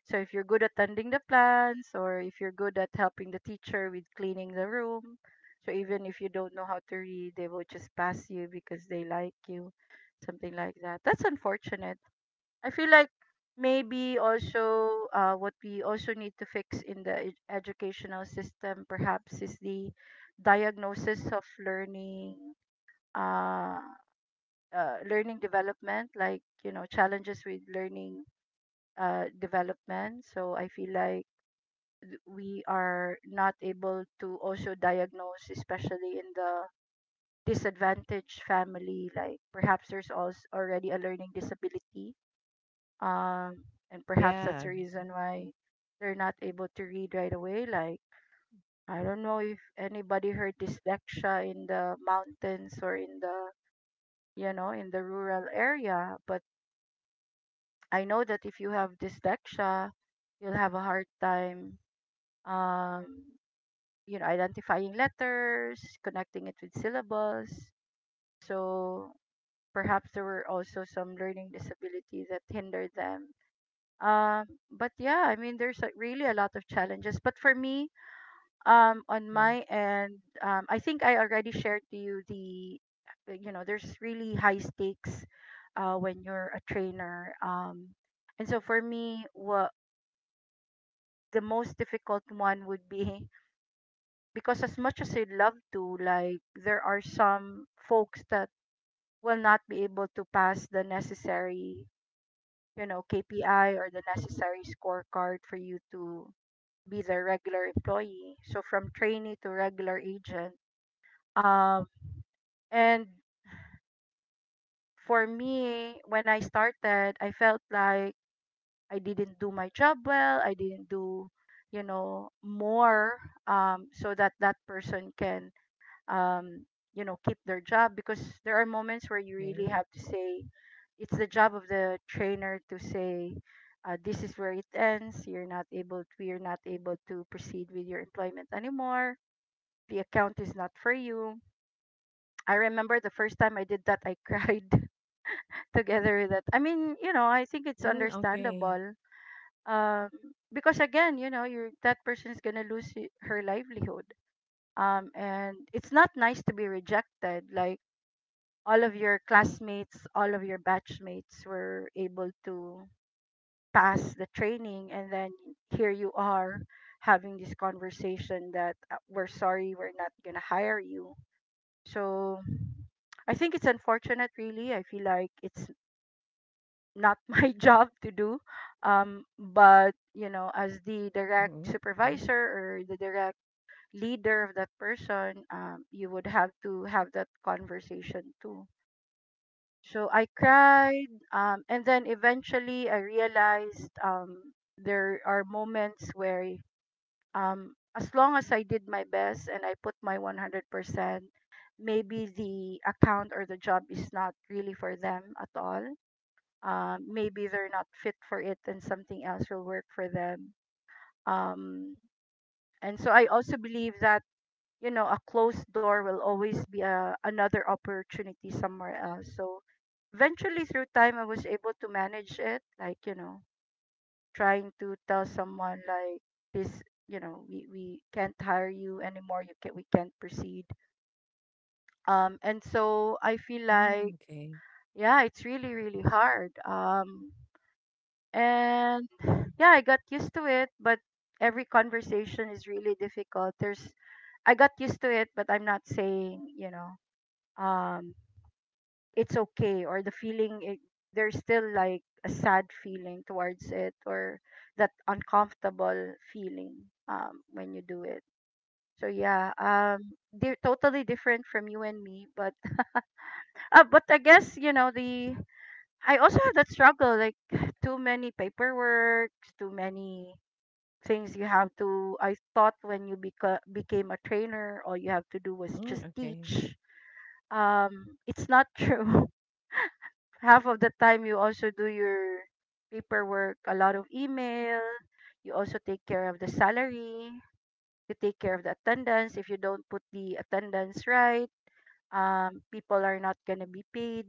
[SPEAKER 1] So if you're good at tending the plants or if you're good at helping the teacher with cleaning the room, so even if you don't know how to read, they will just pass you because they like you, something like that. That's unfortunate. I feel like maybe also uh, what we also need to fix in the ed- educational system perhaps is the diagnosis of learning uh, uh, learning development, like, you know challenges with learning uh, development. So I feel like th- we are not able to also diagnose, especially in the disadvantaged family, like, perhaps there's also already a learning disability. um and perhaps that's the
[SPEAKER 2] Yeah.
[SPEAKER 1] reason why they're not able to read right away, like, I don't know if anybody heard dyslexia in the mountains or in the you know in the rural area. But I know that if you have dyslexia, you'll have a hard time, um you know, identifying letters, connecting it with syllables. So perhaps there were also some learning disability that hindered them. Um, but, yeah, I mean, there's like really a lot of challenges. But for me, um, on
[SPEAKER 2] Okay.
[SPEAKER 1] my end, um, I think I already shared to you the, uh, you know, there's really high stakes uh, when you're a trainer. Um, and so for me, what the most difficult one would be, because as much as I'd love to, like, there are some folks that will not be able to pass the necessary, you know, K P I or the necessary scorecard for you to be their regular employee. So from trainee to regular agent. Um and for me, when I started, I felt like I didn't do my job well. I didn't do, you know, more, um, so that that person can, um, you know, keep their job, because there are moments where you really
[SPEAKER 2] Okay.
[SPEAKER 1] have to say, it's the job of the trainer to say, uh, this is where it ends. You're not able, We are not able to proceed with your employment anymore. The account is not for you. I remember the first time I did that, I cried together with that. I mean, you know, I think it's
[SPEAKER 2] Mm, okay.
[SPEAKER 1] understandable. Um, because again, you know, you that person is gonna lose i- her livelihood. Um, and it's not nice to be rejected. Like, all of your classmates, all of your batchmates were able to pass the training, and then here you are having this conversation that uh, we're sorry, we're not gonna hire you. So I think it's unfortunate, really. I feel like it's not my job to do. Um, but, you know, as the direct
[SPEAKER 2] Mm-hmm. Okay.
[SPEAKER 1] supervisor or the direct leader of that person, um, you would have to have that conversation too. So I cried, um, and then eventually I realized, um, there are moments where, um, as long as I did my best and I put my one hundred percent, maybe the account or the job is not really for them at all. Um, maybe they're not fit for it and something else will work for them. Um, and so I also believe that you know a closed door will always be a, another opportunity somewhere else. So eventually through time I was able to manage it, like, you know trying to tell someone, like, this, you know we, we can't hire you anymore. You can we can't proceed. Um and so I feel
[SPEAKER 2] Hmm,
[SPEAKER 1] like,
[SPEAKER 2] okay.
[SPEAKER 1] yeah, it's really, really hard. Um and, yeah, I got used to it, but every conversation is really difficult. There's I got used to it, but I'm not saying, you know um it's okay. Or the feeling it, there's still like a sad feeling towards it, or that uncomfortable feeling um when you do it. So, yeah, um they're totally different from you and me. But uh, but I guess, you know the I also had that struggle, like, too many paperwork, too many things you have to I thought when you beca- became a trainer all you have to do was
[SPEAKER 2] Hmm,
[SPEAKER 1] just
[SPEAKER 2] okay.
[SPEAKER 1] teach. um it's not true. Half of the time you also do your paperwork, a lot of email, you also take care of the salary, you take care of the attendance. If you don't put the attendance right, um, people are not gonna be paid.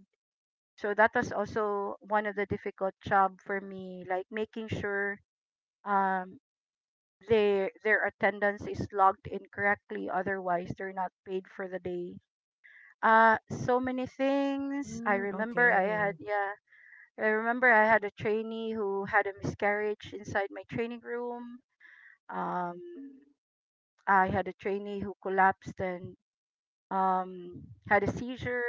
[SPEAKER 1] So that was also one of the difficult job for me, like, making sure um their their attendance is logged in correctly, otherwise they're not paid for the day. Uh so many things. I
[SPEAKER 2] Hmm,
[SPEAKER 1] remember I had
[SPEAKER 2] okay.
[SPEAKER 1] yeah I remember I had a trainee who had a miscarriage inside my training room. Um, I had a trainee who collapsed and um, had a seizure,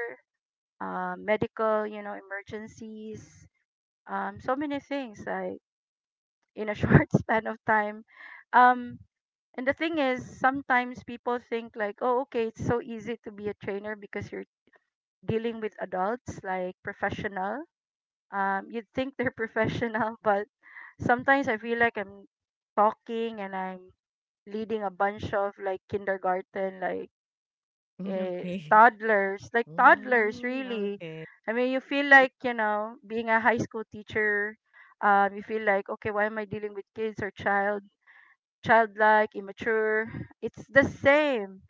[SPEAKER 1] uh, medical, you know, emergencies, um, so many things like in a short span of time. Um, and the thing is, sometimes people think like, oh, okay, it's so easy to be a trainer because you're dealing with adults, like professional. Um, you'd think they're professional, but sometimes I feel like I'm talking and I'm leading a bunch of like kindergarten, like
[SPEAKER 2] Hmm,
[SPEAKER 1] eh,
[SPEAKER 2] okay.
[SPEAKER 1] toddlers, like toddlers,
[SPEAKER 2] Hmm,
[SPEAKER 1] really.
[SPEAKER 2] okay.
[SPEAKER 1] I mean, you feel like, you know, being a high school teacher, um, you feel like, okay, why am I dealing with kids or child, childlike, immature? It's the same.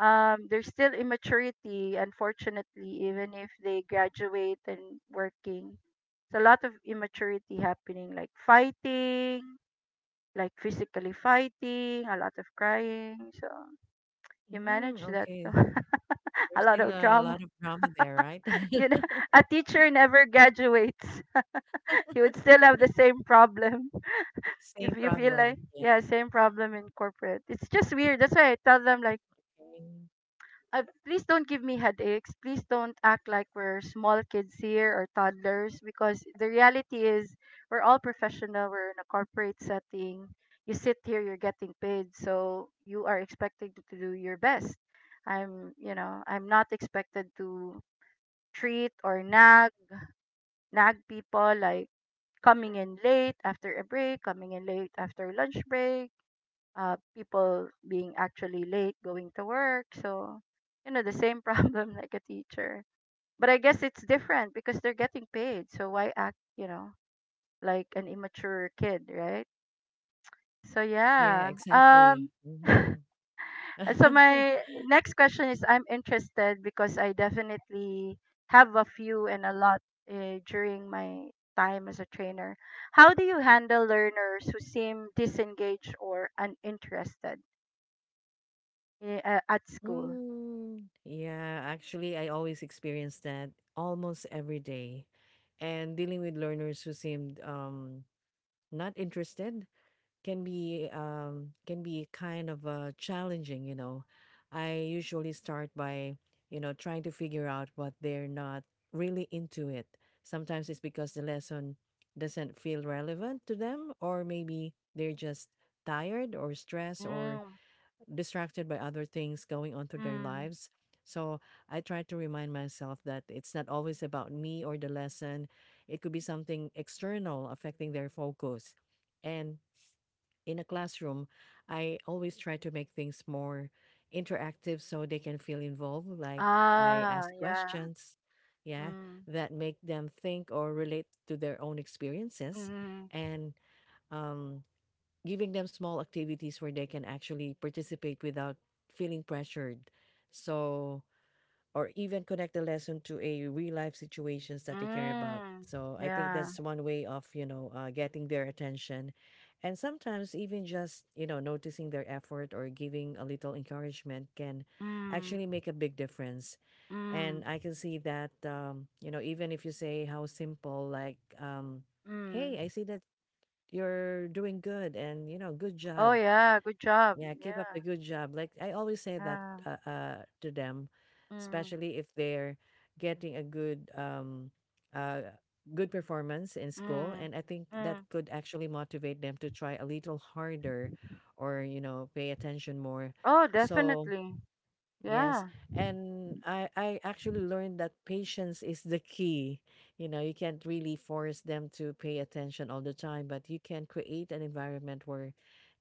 [SPEAKER 1] um There's still immaturity, unfortunately, even if they graduate and working. It's a lot of immaturity happening, like fighting, like physically fighting, a lot of crying. So you
[SPEAKER 2] Hmm,
[SPEAKER 1] manage that too.
[SPEAKER 2] okay.
[SPEAKER 1] A
[SPEAKER 2] There's
[SPEAKER 1] lot
[SPEAKER 2] still
[SPEAKER 1] of
[SPEAKER 2] a
[SPEAKER 1] drama.
[SPEAKER 2] lot of drama there, right?
[SPEAKER 1] You know, a teacher never graduates. You would still have the same problem. If
[SPEAKER 2] Same
[SPEAKER 1] you feel like,
[SPEAKER 2] problem. Yeah.
[SPEAKER 1] yeah, same problem in corporate. It's just weird. That's why I tell them,
[SPEAKER 2] Mm,
[SPEAKER 1] like,
[SPEAKER 2] okay.
[SPEAKER 1] I, please don't give me headaches. Please don't act like we're small kids here or toddlers because the reality is we're all professional. We're in a corporate setting. You sit here, you're getting paid, so you are expected to do your best. I'm, you know, I'm not expected to treat or nag nag people like coming in late after a break, coming in late after lunch break, uh, people being actually late going to work. So, you know, the same problem like a teacher. But I guess it's different because they're getting paid. So why act, you know, like an immature kid, right? So
[SPEAKER 2] Yeah,
[SPEAKER 1] yeah.
[SPEAKER 2] exactly.
[SPEAKER 1] Um
[SPEAKER 2] Hmm.
[SPEAKER 1] and so my next question is I'm interested because I definitely have a few and a lot uh, during my time as a trainer. How do you handle learners who seem disengaged or uninterested eh, uh, at school?
[SPEAKER 2] Mm, yeah, actually, I always experience that almost every day. And dealing with learners who seemed um, not interested can be um can be kind of uh challenging, you know, I usually start by you know trying to figure out what they're not really into it. Sometimes it's because the lesson doesn't feel relevant to them, or maybe they're just tired or stressed or
[SPEAKER 1] Mm,
[SPEAKER 2] distracted by other things going on through their
[SPEAKER 1] mm.
[SPEAKER 2] lives. So I try to remind myself that it's not always about me or the lesson, it could be something external affecting their focus. And in a classroom, I always try to make things more interactive so they can feel involved. Like I
[SPEAKER 1] Ah,
[SPEAKER 2] ask
[SPEAKER 1] yeah.
[SPEAKER 2] questions, yeah,
[SPEAKER 1] Mm,
[SPEAKER 2] that make them think or relate to their own experiences,
[SPEAKER 1] mm,
[SPEAKER 2] and um, giving them small activities where they can actually participate without feeling pressured. So or even connect the lesson to a real life situations that they care about.
[SPEAKER 1] mm.
[SPEAKER 2] So I think
[SPEAKER 1] Yeah.
[SPEAKER 2] that's one way of, you know, uh, getting their attention. And sometimes even just, you know, noticing their effort or giving a little encouragement can
[SPEAKER 1] Mm,
[SPEAKER 2] actually make a big difference. And
[SPEAKER 1] mm,
[SPEAKER 2] I can see that, um, you know, even if you say how simple, like, um,
[SPEAKER 1] mm.
[SPEAKER 2] hey, I see that you're doing good and, you know, good
[SPEAKER 1] Oh,
[SPEAKER 2] job,
[SPEAKER 1] yeah. Good job.
[SPEAKER 2] yeah, keep up
[SPEAKER 1] Yeah.
[SPEAKER 2] the good job. Like I always say that
[SPEAKER 1] Yeah.
[SPEAKER 2] uh, uh to them,
[SPEAKER 1] Mm,
[SPEAKER 2] especially if they're getting a good um uh good performance in school,
[SPEAKER 1] mm,
[SPEAKER 2] and I think that
[SPEAKER 1] mm.
[SPEAKER 2] could actually motivate them to try a little harder or, you know, pay attention more.
[SPEAKER 1] Oh,
[SPEAKER 2] So,
[SPEAKER 1] definitely.
[SPEAKER 2] yes.
[SPEAKER 1] Yeah.
[SPEAKER 2] And I, I actually learned that patience is the key. You know, you can't really force them to pay attention all the time, but you can create an environment where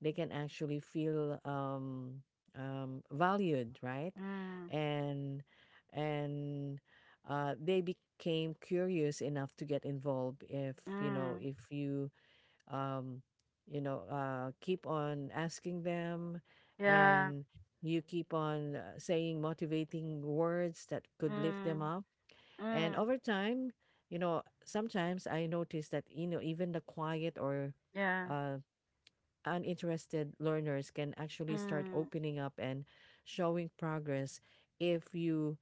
[SPEAKER 2] they can actually feel um, um, valued, right?
[SPEAKER 1] Mm,
[SPEAKER 2] And and uh, They became curious enough to get involved if, you know,
[SPEAKER 1] mm.
[SPEAKER 2] if you um, you know, uh, keep on asking them,
[SPEAKER 1] Yeah.
[SPEAKER 2] and you keep on uh, saying motivating words that could lift them
[SPEAKER 1] Mm,
[SPEAKER 2] up. And
[SPEAKER 1] mm.
[SPEAKER 2] over time, you know, sometimes I notice that, you know, even the quiet or
[SPEAKER 1] Yeah.
[SPEAKER 2] uh, uninterested learners can actually start
[SPEAKER 1] Mm,
[SPEAKER 2] opening up and showing progress if you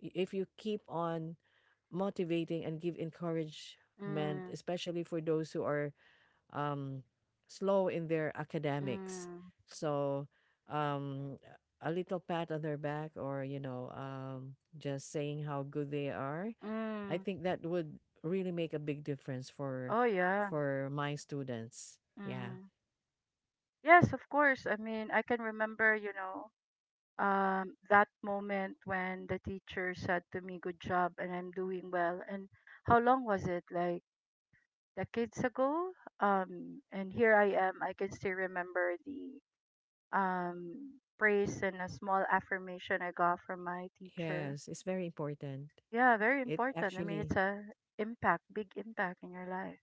[SPEAKER 2] if you keep on motivating and give encouragement,
[SPEAKER 1] mm,
[SPEAKER 2] especially for those who are um, slow in their academics.
[SPEAKER 1] mm,
[SPEAKER 2] So um, a little pat on their back, or you know, um, just saying how good they are. I
[SPEAKER 1] mm.
[SPEAKER 2] think that would really make a big difference for
[SPEAKER 1] Oh, yeah.
[SPEAKER 2] for my students. Yeah.
[SPEAKER 1] Mm. Yes, of course. I mean, I can remember, you know. um, that moment when the teacher said to me, "Good job," and I'm doing well. And how long was it? Like decades ago. Um, and here I am. I can still remember the um praise and a small affirmation I got from my teacher.
[SPEAKER 2] Yes, it's very important.
[SPEAKER 1] Yeah, very
[SPEAKER 2] It
[SPEAKER 1] important. I mean,
[SPEAKER 2] actually...
[SPEAKER 1] it's a impact, big impact in your life.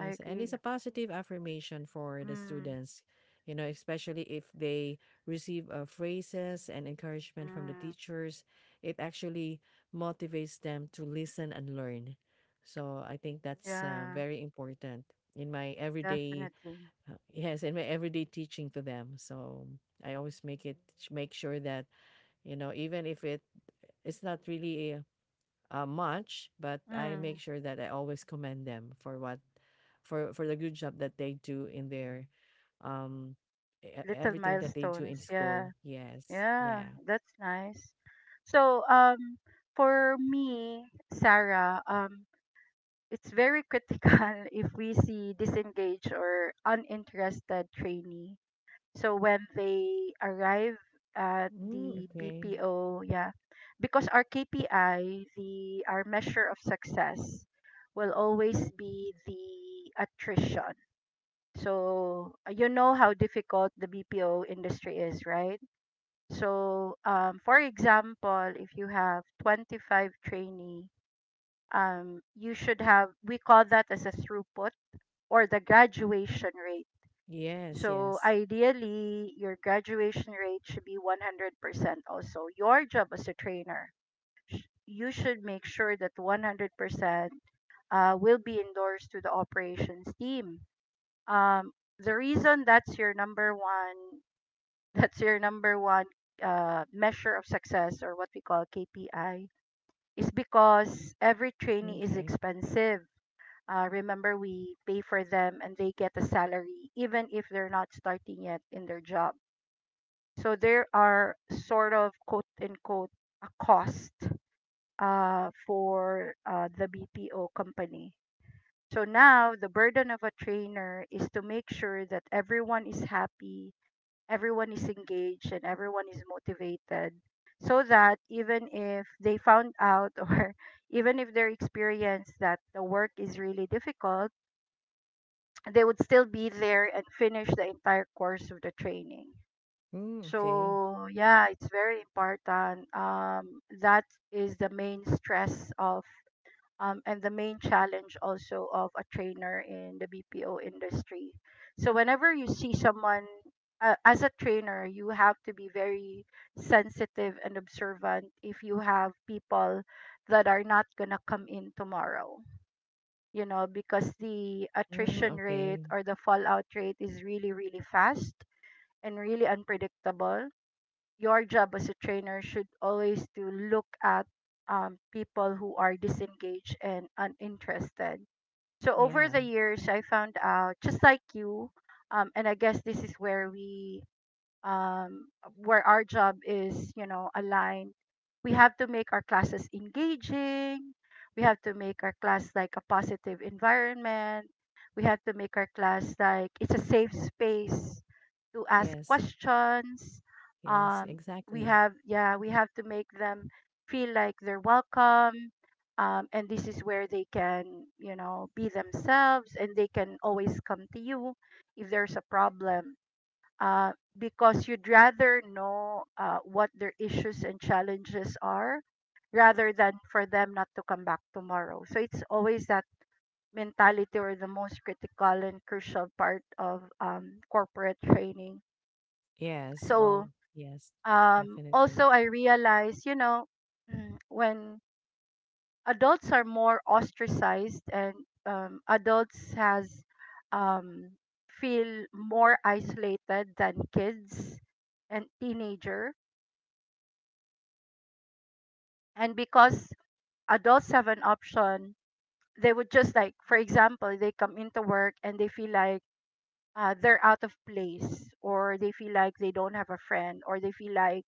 [SPEAKER 1] I
[SPEAKER 2] and it's
[SPEAKER 1] agree.
[SPEAKER 2] a positive affirmation for the
[SPEAKER 1] Mm,
[SPEAKER 2] students, you know, especially if they receive uh, phrases and encouragement from the
[SPEAKER 1] mm,
[SPEAKER 2] teachers. It actually motivates them to listen and learn. So I think that's uh,
[SPEAKER 1] yeah,
[SPEAKER 2] very important in my everyday,
[SPEAKER 1] definitely.
[SPEAKER 2] uh, yes, in my everyday teaching to them. So I always make it make sure that, you know, even if it it's not really a uh, much, but I
[SPEAKER 1] Mm,
[SPEAKER 2] make sure that I always commend them for what for for the good job that they do in their um e- e-
[SPEAKER 1] little
[SPEAKER 2] everything that they do in
[SPEAKER 1] milestones.
[SPEAKER 2] school.
[SPEAKER 1] Yeah.
[SPEAKER 2] Yes.
[SPEAKER 1] Yeah,
[SPEAKER 2] Yeah.
[SPEAKER 1] that's nice. So, um, for me, Sarah, um, it's very critical if we see disengaged or uninterested trainee. So when they arrive at
[SPEAKER 2] Mm,
[SPEAKER 1] the
[SPEAKER 2] okay.
[SPEAKER 1] B P O, yeah, because our K P I, the our measure of success, will always be the attrition. So uh, you know how difficult the B P O industry is, right? So, um, for example, if you have twenty-five trainee, um, you should have, we call that as a throughput or the graduation rate.
[SPEAKER 2] Yes,
[SPEAKER 1] So,
[SPEAKER 2] yes.
[SPEAKER 1] ideally, your graduation rate should be one hundred percent also. Your job as a trainer, you should make sure that one hundred percent uh, will be endorsed to the operations team. Um, the reason that's your number one That's your number one uh, measure of success or what we call K P I is because every trainee is
[SPEAKER 2] Okay.
[SPEAKER 1] expensive. Uh, remember, we pay for them and they get a salary even if they're not starting yet in their job. So there are sort of quote unquote a cost uh, for uh, the B P O company. So now the burden of a trainer is to make sure that everyone is happy, everyone is engaged, and everyone is motivated, so that even if they found out or even if they experience that the work is really difficult, they would still be there and finish the entire course of the training.
[SPEAKER 2] Mm, okay.
[SPEAKER 1] So yeah, it's very important um, that is the main stress of um, and the main challenge also of a trainer in the B P O industry. So whenever you see someone uh, as a trainer, you have to be very sensitive and observant if you have people that are not gonna come in tomorrow. You know, because the
[SPEAKER 2] Mm,
[SPEAKER 1] attrition rate
[SPEAKER 2] okay.
[SPEAKER 1] or the fallout rate is really, really fast and really unpredictable. Your job as a trainer should always to look at um, people who are disengaged and uninterested. So over the
[SPEAKER 2] Yeah.
[SPEAKER 1] years, I found out just like you, um, and I guess this is where we um, where our job is, you know, aligned, we have to make our classes engaging. We have to make our class like a positive environment. We have to make our class like it's a safe space to ask
[SPEAKER 2] Yes.
[SPEAKER 1] questions.
[SPEAKER 2] Yes,
[SPEAKER 1] Um, we
[SPEAKER 2] exactly.
[SPEAKER 1] have, yeah, we have to make them feel like they're welcome. Um, and this is where they can, you know, be themselves and they can always come to you if there's a problem uh, because you'd rather know uh, what their issues and challenges are rather than for them not to come back tomorrow. So it's always that mentality or the most critical and crucial part of um, corporate training.
[SPEAKER 2] Yes.
[SPEAKER 1] So
[SPEAKER 2] Oh, yes.
[SPEAKER 1] um,
[SPEAKER 2] Definitely.
[SPEAKER 1] also, I realize, you know, mm, when adults are more ostracized and um, adults has um, feel more isolated than kids and teenagers and because adults have an option, they would just like for example they come into work and they feel like uh, they're out of place or they feel like they don't have a friend or they feel like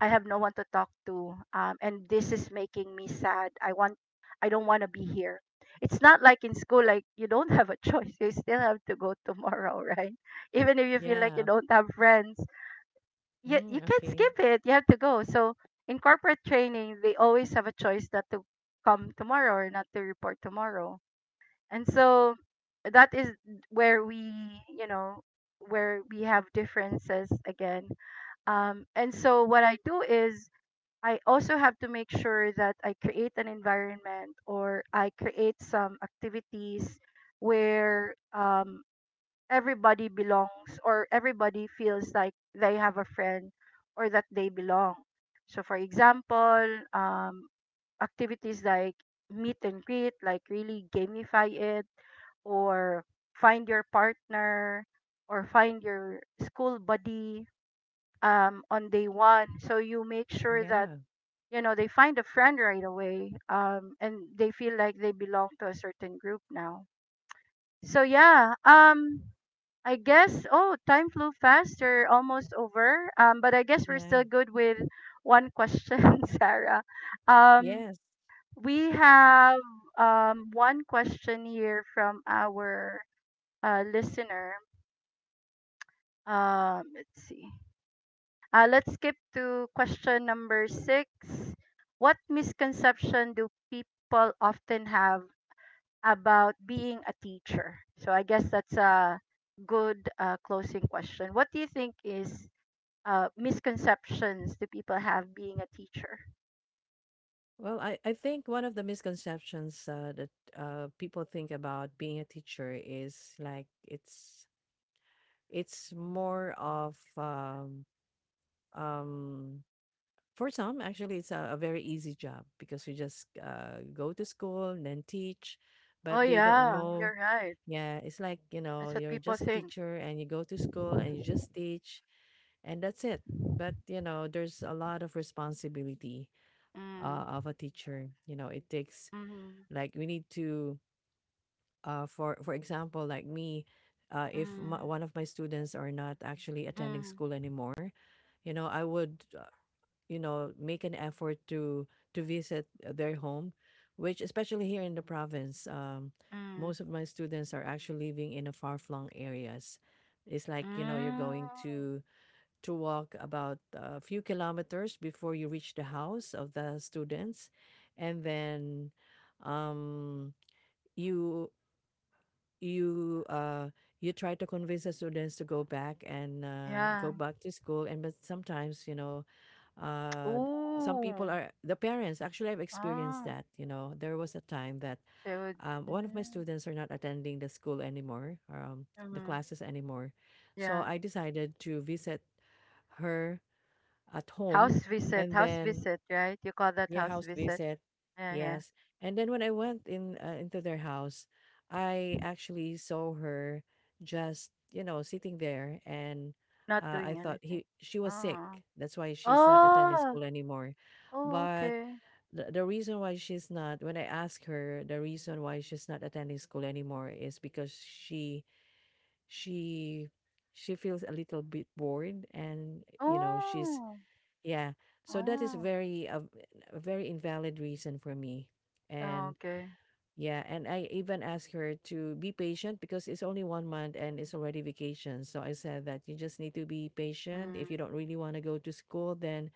[SPEAKER 1] I have no one to talk to, um, and this is making me sad. I want, I don't want to be here. It's not like in school, like you don't have a choice, you still have to go tomorrow right? Even if you feel like you
[SPEAKER 2] Yeah.
[SPEAKER 1] don't have friends, you you
[SPEAKER 2] Mm,
[SPEAKER 1] can't
[SPEAKER 2] okay.
[SPEAKER 1] skip it. You have to go. So in corporate training, they always have a choice not to come tomorrow or not to report tomorrow. And so that is where we, you know, where we have differences again. Um, and so what I do is I also have to make sure that I create an environment or I create some activities where um, everybody belongs or everybody feels like they have a friend or that they belong. So, for example, um, activities like meet and greet, like really gamify it, or find your partner, or find your school buddy um, on day one. So, you make sure that
[SPEAKER 2] Yeah.
[SPEAKER 1] you know they find a friend right away, um, and they feel like they belong to a certain group now. So yeah, um I guess, oh, time flew fast. You're almost over. Um, but I guess we're
[SPEAKER 2] Yeah.
[SPEAKER 1] still good with one question, Sarah. Um,
[SPEAKER 2] Yes.
[SPEAKER 1] we have um, one question here from our uh, listener. Um, let's see. Uh, let's skip to question number six. What misconception do people often have about being a teacher? So I guess that's a good uh, closing question. What do you think is uh, misconceptions do people have being a teacher?
[SPEAKER 2] Well, I, I think one of the misconceptions uh, that uh, people think about being a teacher is like it's it's more of um, um, for some, actually it's a, a very easy job because you just uh, go to school and then teach,
[SPEAKER 1] Oh
[SPEAKER 2] but they don't
[SPEAKER 1] yeah,
[SPEAKER 2] know.
[SPEAKER 1] you're right.
[SPEAKER 2] Yeah, it's like, you know,
[SPEAKER 1] That's what
[SPEAKER 2] you're
[SPEAKER 1] people
[SPEAKER 2] just a
[SPEAKER 1] think.
[SPEAKER 2] teacher and you go to school and you just teach, and that's it. But you know, there's a lot of responsibility
[SPEAKER 1] Mm,
[SPEAKER 2] uh, of a teacher. You know, it takes,
[SPEAKER 1] mm,
[SPEAKER 2] like, we need to, uh, for for example, like me, uh, if my,
[SPEAKER 1] mm,
[SPEAKER 2] one of my students are not actually attending
[SPEAKER 1] mm,
[SPEAKER 2] school anymore, you know, I would, uh, you know, make an effort to to visit their home, which, especially here in the province, um,
[SPEAKER 1] mm,
[SPEAKER 2] most of my students are actually living in a far flung areas. It's like, you know, you're
[SPEAKER 1] mm.
[SPEAKER 2] going to to walk about a few kilometers before you reach the house of the students, and then um you you uh you try to convince the students to go back and uh, go
[SPEAKER 1] Yeah.
[SPEAKER 2] back to school. And but sometimes, you know, uh some people
[SPEAKER 1] Ooh.
[SPEAKER 2] are the parents, actually I've experienced
[SPEAKER 1] Oh.
[SPEAKER 2] that. You know, there was a time that,
[SPEAKER 1] They would.
[SPEAKER 2] um, one of my
[SPEAKER 1] Mm,
[SPEAKER 2] students are not attending the school anymore, um, the
[SPEAKER 1] mm,
[SPEAKER 2] classes anymore, so
[SPEAKER 1] yeah.
[SPEAKER 2] I decided to visit her at home.
[SPEAKER 1] House visit.
[SPEAKER 2] And
[SPEAKER 1] House
[SPEAKER 2] then,
[SPEAKER 1] visit. Right. You call that
[SPEAKER 2] yeah,
[SPEAKER 1] house
[SPEAKER 2] house
[SPEAKER 1] visit.
[SPEAKER 2] visit.
[SPEAKER 1] Yeah. Yeah.
[SPEAKER 2] Yes. And then when I went in, uh, into their house, I actually saw her just, you know, sitting there. And
[SPEAKER 1] Not
[SPEAKER 2] uh, I
[SPEAKER 1] doing
[SPEAKER 2] thought
[SPEAKER 1] anything.
[SPEAKER 2] he she was sick.
[SPEAKER 1] Oh.
[SPEAKER 2] That's why she's not attending
[SPEAKER 1] Oh.
[SPEAKER 2] school anymore.
[SPEAKER 1] Oh.
[SPEAKER 2] But
[SPEAKER 1] Okay.
[SPEAKER 2] the, the reason why she's not, when I asked her the reason why she's not attending school anymore, is because she she she feels a little bit bored and, you know, she's,
[SPEAKER 1] Oh.
[SPEAKER 2] yeah. So that is
[SPEAKER 1] Oh.
[SPEAKER 2] very a, a very invalid reason for me.
[SPEAKER 1] Oh,
[SPEAKER 2] And
[SPEAKER 1] okay.
[SPEAKER 2] yeah, and I even asked her to be patient because it's only one month and it's already vacation. So I said that you just need to be patient.
[SPEAKER 1] Mm.
[SPEAKER 2] If you don't really want to go to school, then,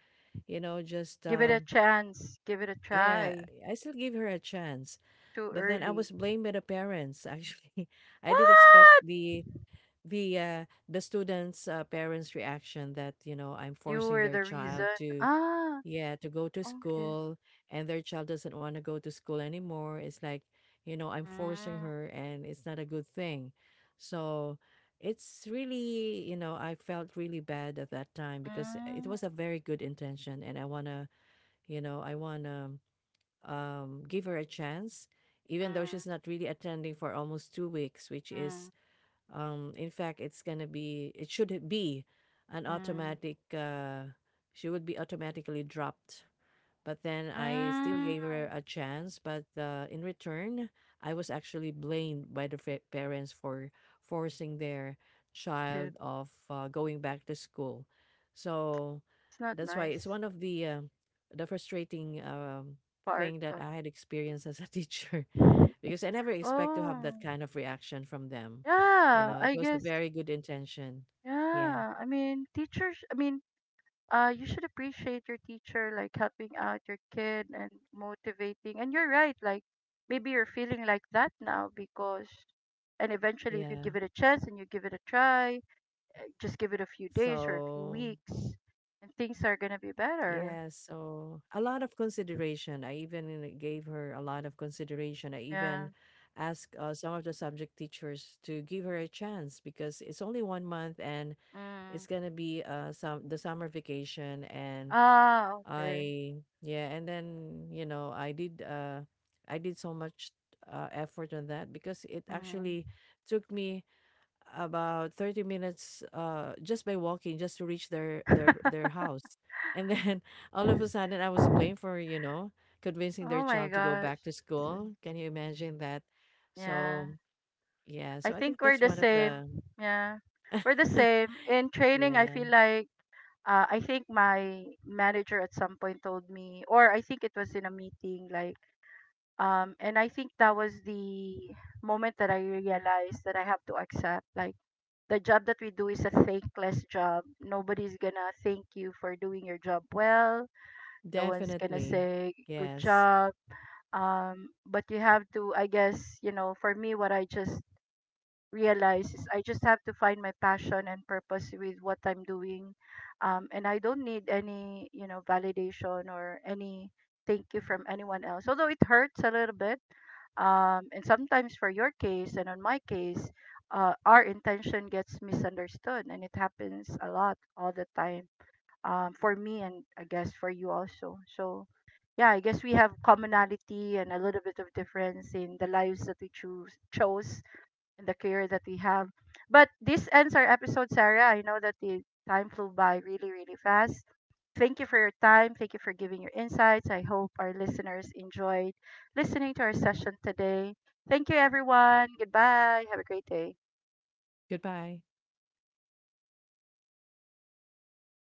[SPEAKER 2] you know, just
[SPEAKER 1] Give it a
[SPEAKER 2] um,
[SPEAKER 1] chance. Give it a
[SPEAKER 2] yeah,
[SPEAKER 1] try.
[SPEAKER 2] I still give her a chance.
[SPEAKER 1] Too
[SPEAKER 2] But then I
[SPEAKER 1] early.
[SPEAKER 2] was blamed by the parents. Actually, I did expect
[SPEAKER 1] What?
[SPEAKER 2] the the uh, the students' uh, parents' reaction, that you know, I'm
[SPEAKER 1] You
[SPEAKER 2] forcing
[SPEAKER 1] were
[SPEAKER 2] their
[SPEAKER 1] the
[SPEAKER 2] child
[SPEAKER 1] reason.
[SPEAKER 2] to,
[SPEAKER 1] Ah,
[SPEAKER 2] yeah, to go to
[SPEAKER 1] okay.
[SPEAKER 2] school, and their child doesn't want to go to school anymore. It's like, you know, I'm forcing
[SPEAKER 1] Mm,
[SPEAKER 2] her and it's not a good thing. So it's really, you know, I felt really bad at that time, because it
[SPEAKER 1] mm,
[SPEAKER 2] was a very good intention and I want to, you know, I want to, um, give her a chance, even though
[SPEAKER 1] mm,
[SPEAKER 2] she's not really attending for almost two weeks, which
[SPEAKER 1] mm,
[SPEAKER 2] is, um, in fact, it's going to be, it should be an
[SPEAKER 1] mm,
[SPEAKER 2] automatic, uh, she would be automatically dropped, but then I still
[SPEAKER 1] mm.
[SPEAKER 2] gave her a chance. But uh, in return, I was actually blamed by the fa- parents for forcing their
[SPEAKER 1] Good.
[SPEAKER 2] child of uh, going back to school. So
[SPEAKER 1] It's not
[SPEAKER 2] that's why it's
[SPEAKER 1] nice
[SPEAKER 2] one of the uh, the frustrating um,
[SPEAKER 1] part
[SPEAKER 2] thing that
[SPEAKER 1] of.
[SPEAKER 2] I had experienced as a teacher, because I never expect to have that
[SPEAKER 1] Oh,
[SPEAKER 2] kind of reaction from them. You
[SPEAKER 1] yeah.
[SPEAKER 2] know, it
[SPEAKER 1] I
[SPEAKER 2] was a
[SPEAKER 1] guess.
[SPEAKER 2] very good intention. Yeah,
[SPEAKER 1] Yeah. I mean, teachers. I mean, uh, you should appreciate your teacher like helping out your kid and motivating and you're right, like maybe you're feeling like that now because, and eventually if you
[SPEAKER 2] yeah.
[SPEAKER 1] give it a chance and you give it a try, just give it a few days or a few
[SPEAKER 2] So
[SPEAKER 1] weeks and things are gonna be better.
[SPEAKER 2] yeah, so a lot of consideration. I even gave her a lot of consideration. I
[SPEAKER 1] Yeah.
[SPEAKER 2] even asked uh, some of the subject teachers to give her a chance because it's only one month and it's
[SPEAKER 1] Mm.
[SPEAKER 2] gonna be uh some the summer vacation. And
[SPEAKER 1] Ah, okay.
[SPEAKER 2] I yeah, and then, you know, I did uh I did so much uh effort on that, because it actually
[SPEAKER 1] Mm.
[SPEAKER 2] took me about thirty minutes uh just by walking, just to reach their their their house. And then all of a sudden, I was blamed for, you know, convincing their
[SPEAKER 1] Oh my
[SPEAKER 2] child to go
[SPEAKER 1] gosh.
[SPEAKER 2] back to school. Can you imagine that?
[SPEAKER 1] Yeah,
[SPEAKER 2] So yeah,
[SPEAKER 1] I
[SPEAKER 2] so I think
[SPEAKER 1] think we're
[SPEAKER 2] that's
[SPEAKER 1] the
[SPEAKER 2] one of
[SPEAKER 1] same.
[SPEAKER 2] the...
[SPEAKER 1] Yeah, we're the same in training, I
[SPEAKER 2] Yeah.
[SPEAKER 1] feel like. uh, I think my manager at some point told me, or I think it was in a meeting, like, um, and I think that was the moment that I realized that I have to accept, like, the job that we do is a thankless job. Nobody's gonna thank you for doing your job well. No one's gonna
[SPEAKER 2] Definitely.
[SPEAKER 1] say good
[SPEAKER 2] Yes.
[SPEAKER 1] job. Um, but you have to, I guess, you know, for me, what I just realize is I just have to find my passion and purpose with what I'm doing. Um, and I don't need any, you know, validation or any thank you from anyone else. Although it hurts a little bit. Um, and sometimes for your case and on my case, uh, our intention gets misunderstood and it happens a lot all the time. Um, for me and I guess for you also. So yeah, I guess we have commonality and a little bit of difference in the lives that we choose chose and the career that we have. But this ends our episode, Sarah. I know that the time flew by really, really fast. Thank you for your time. Thank you for giving your insights. I hope our listeners enjoyed listening to our session today. Thank you, everyone. Goodbye. Have a great day.
[SPEAKER 2] Goodbye.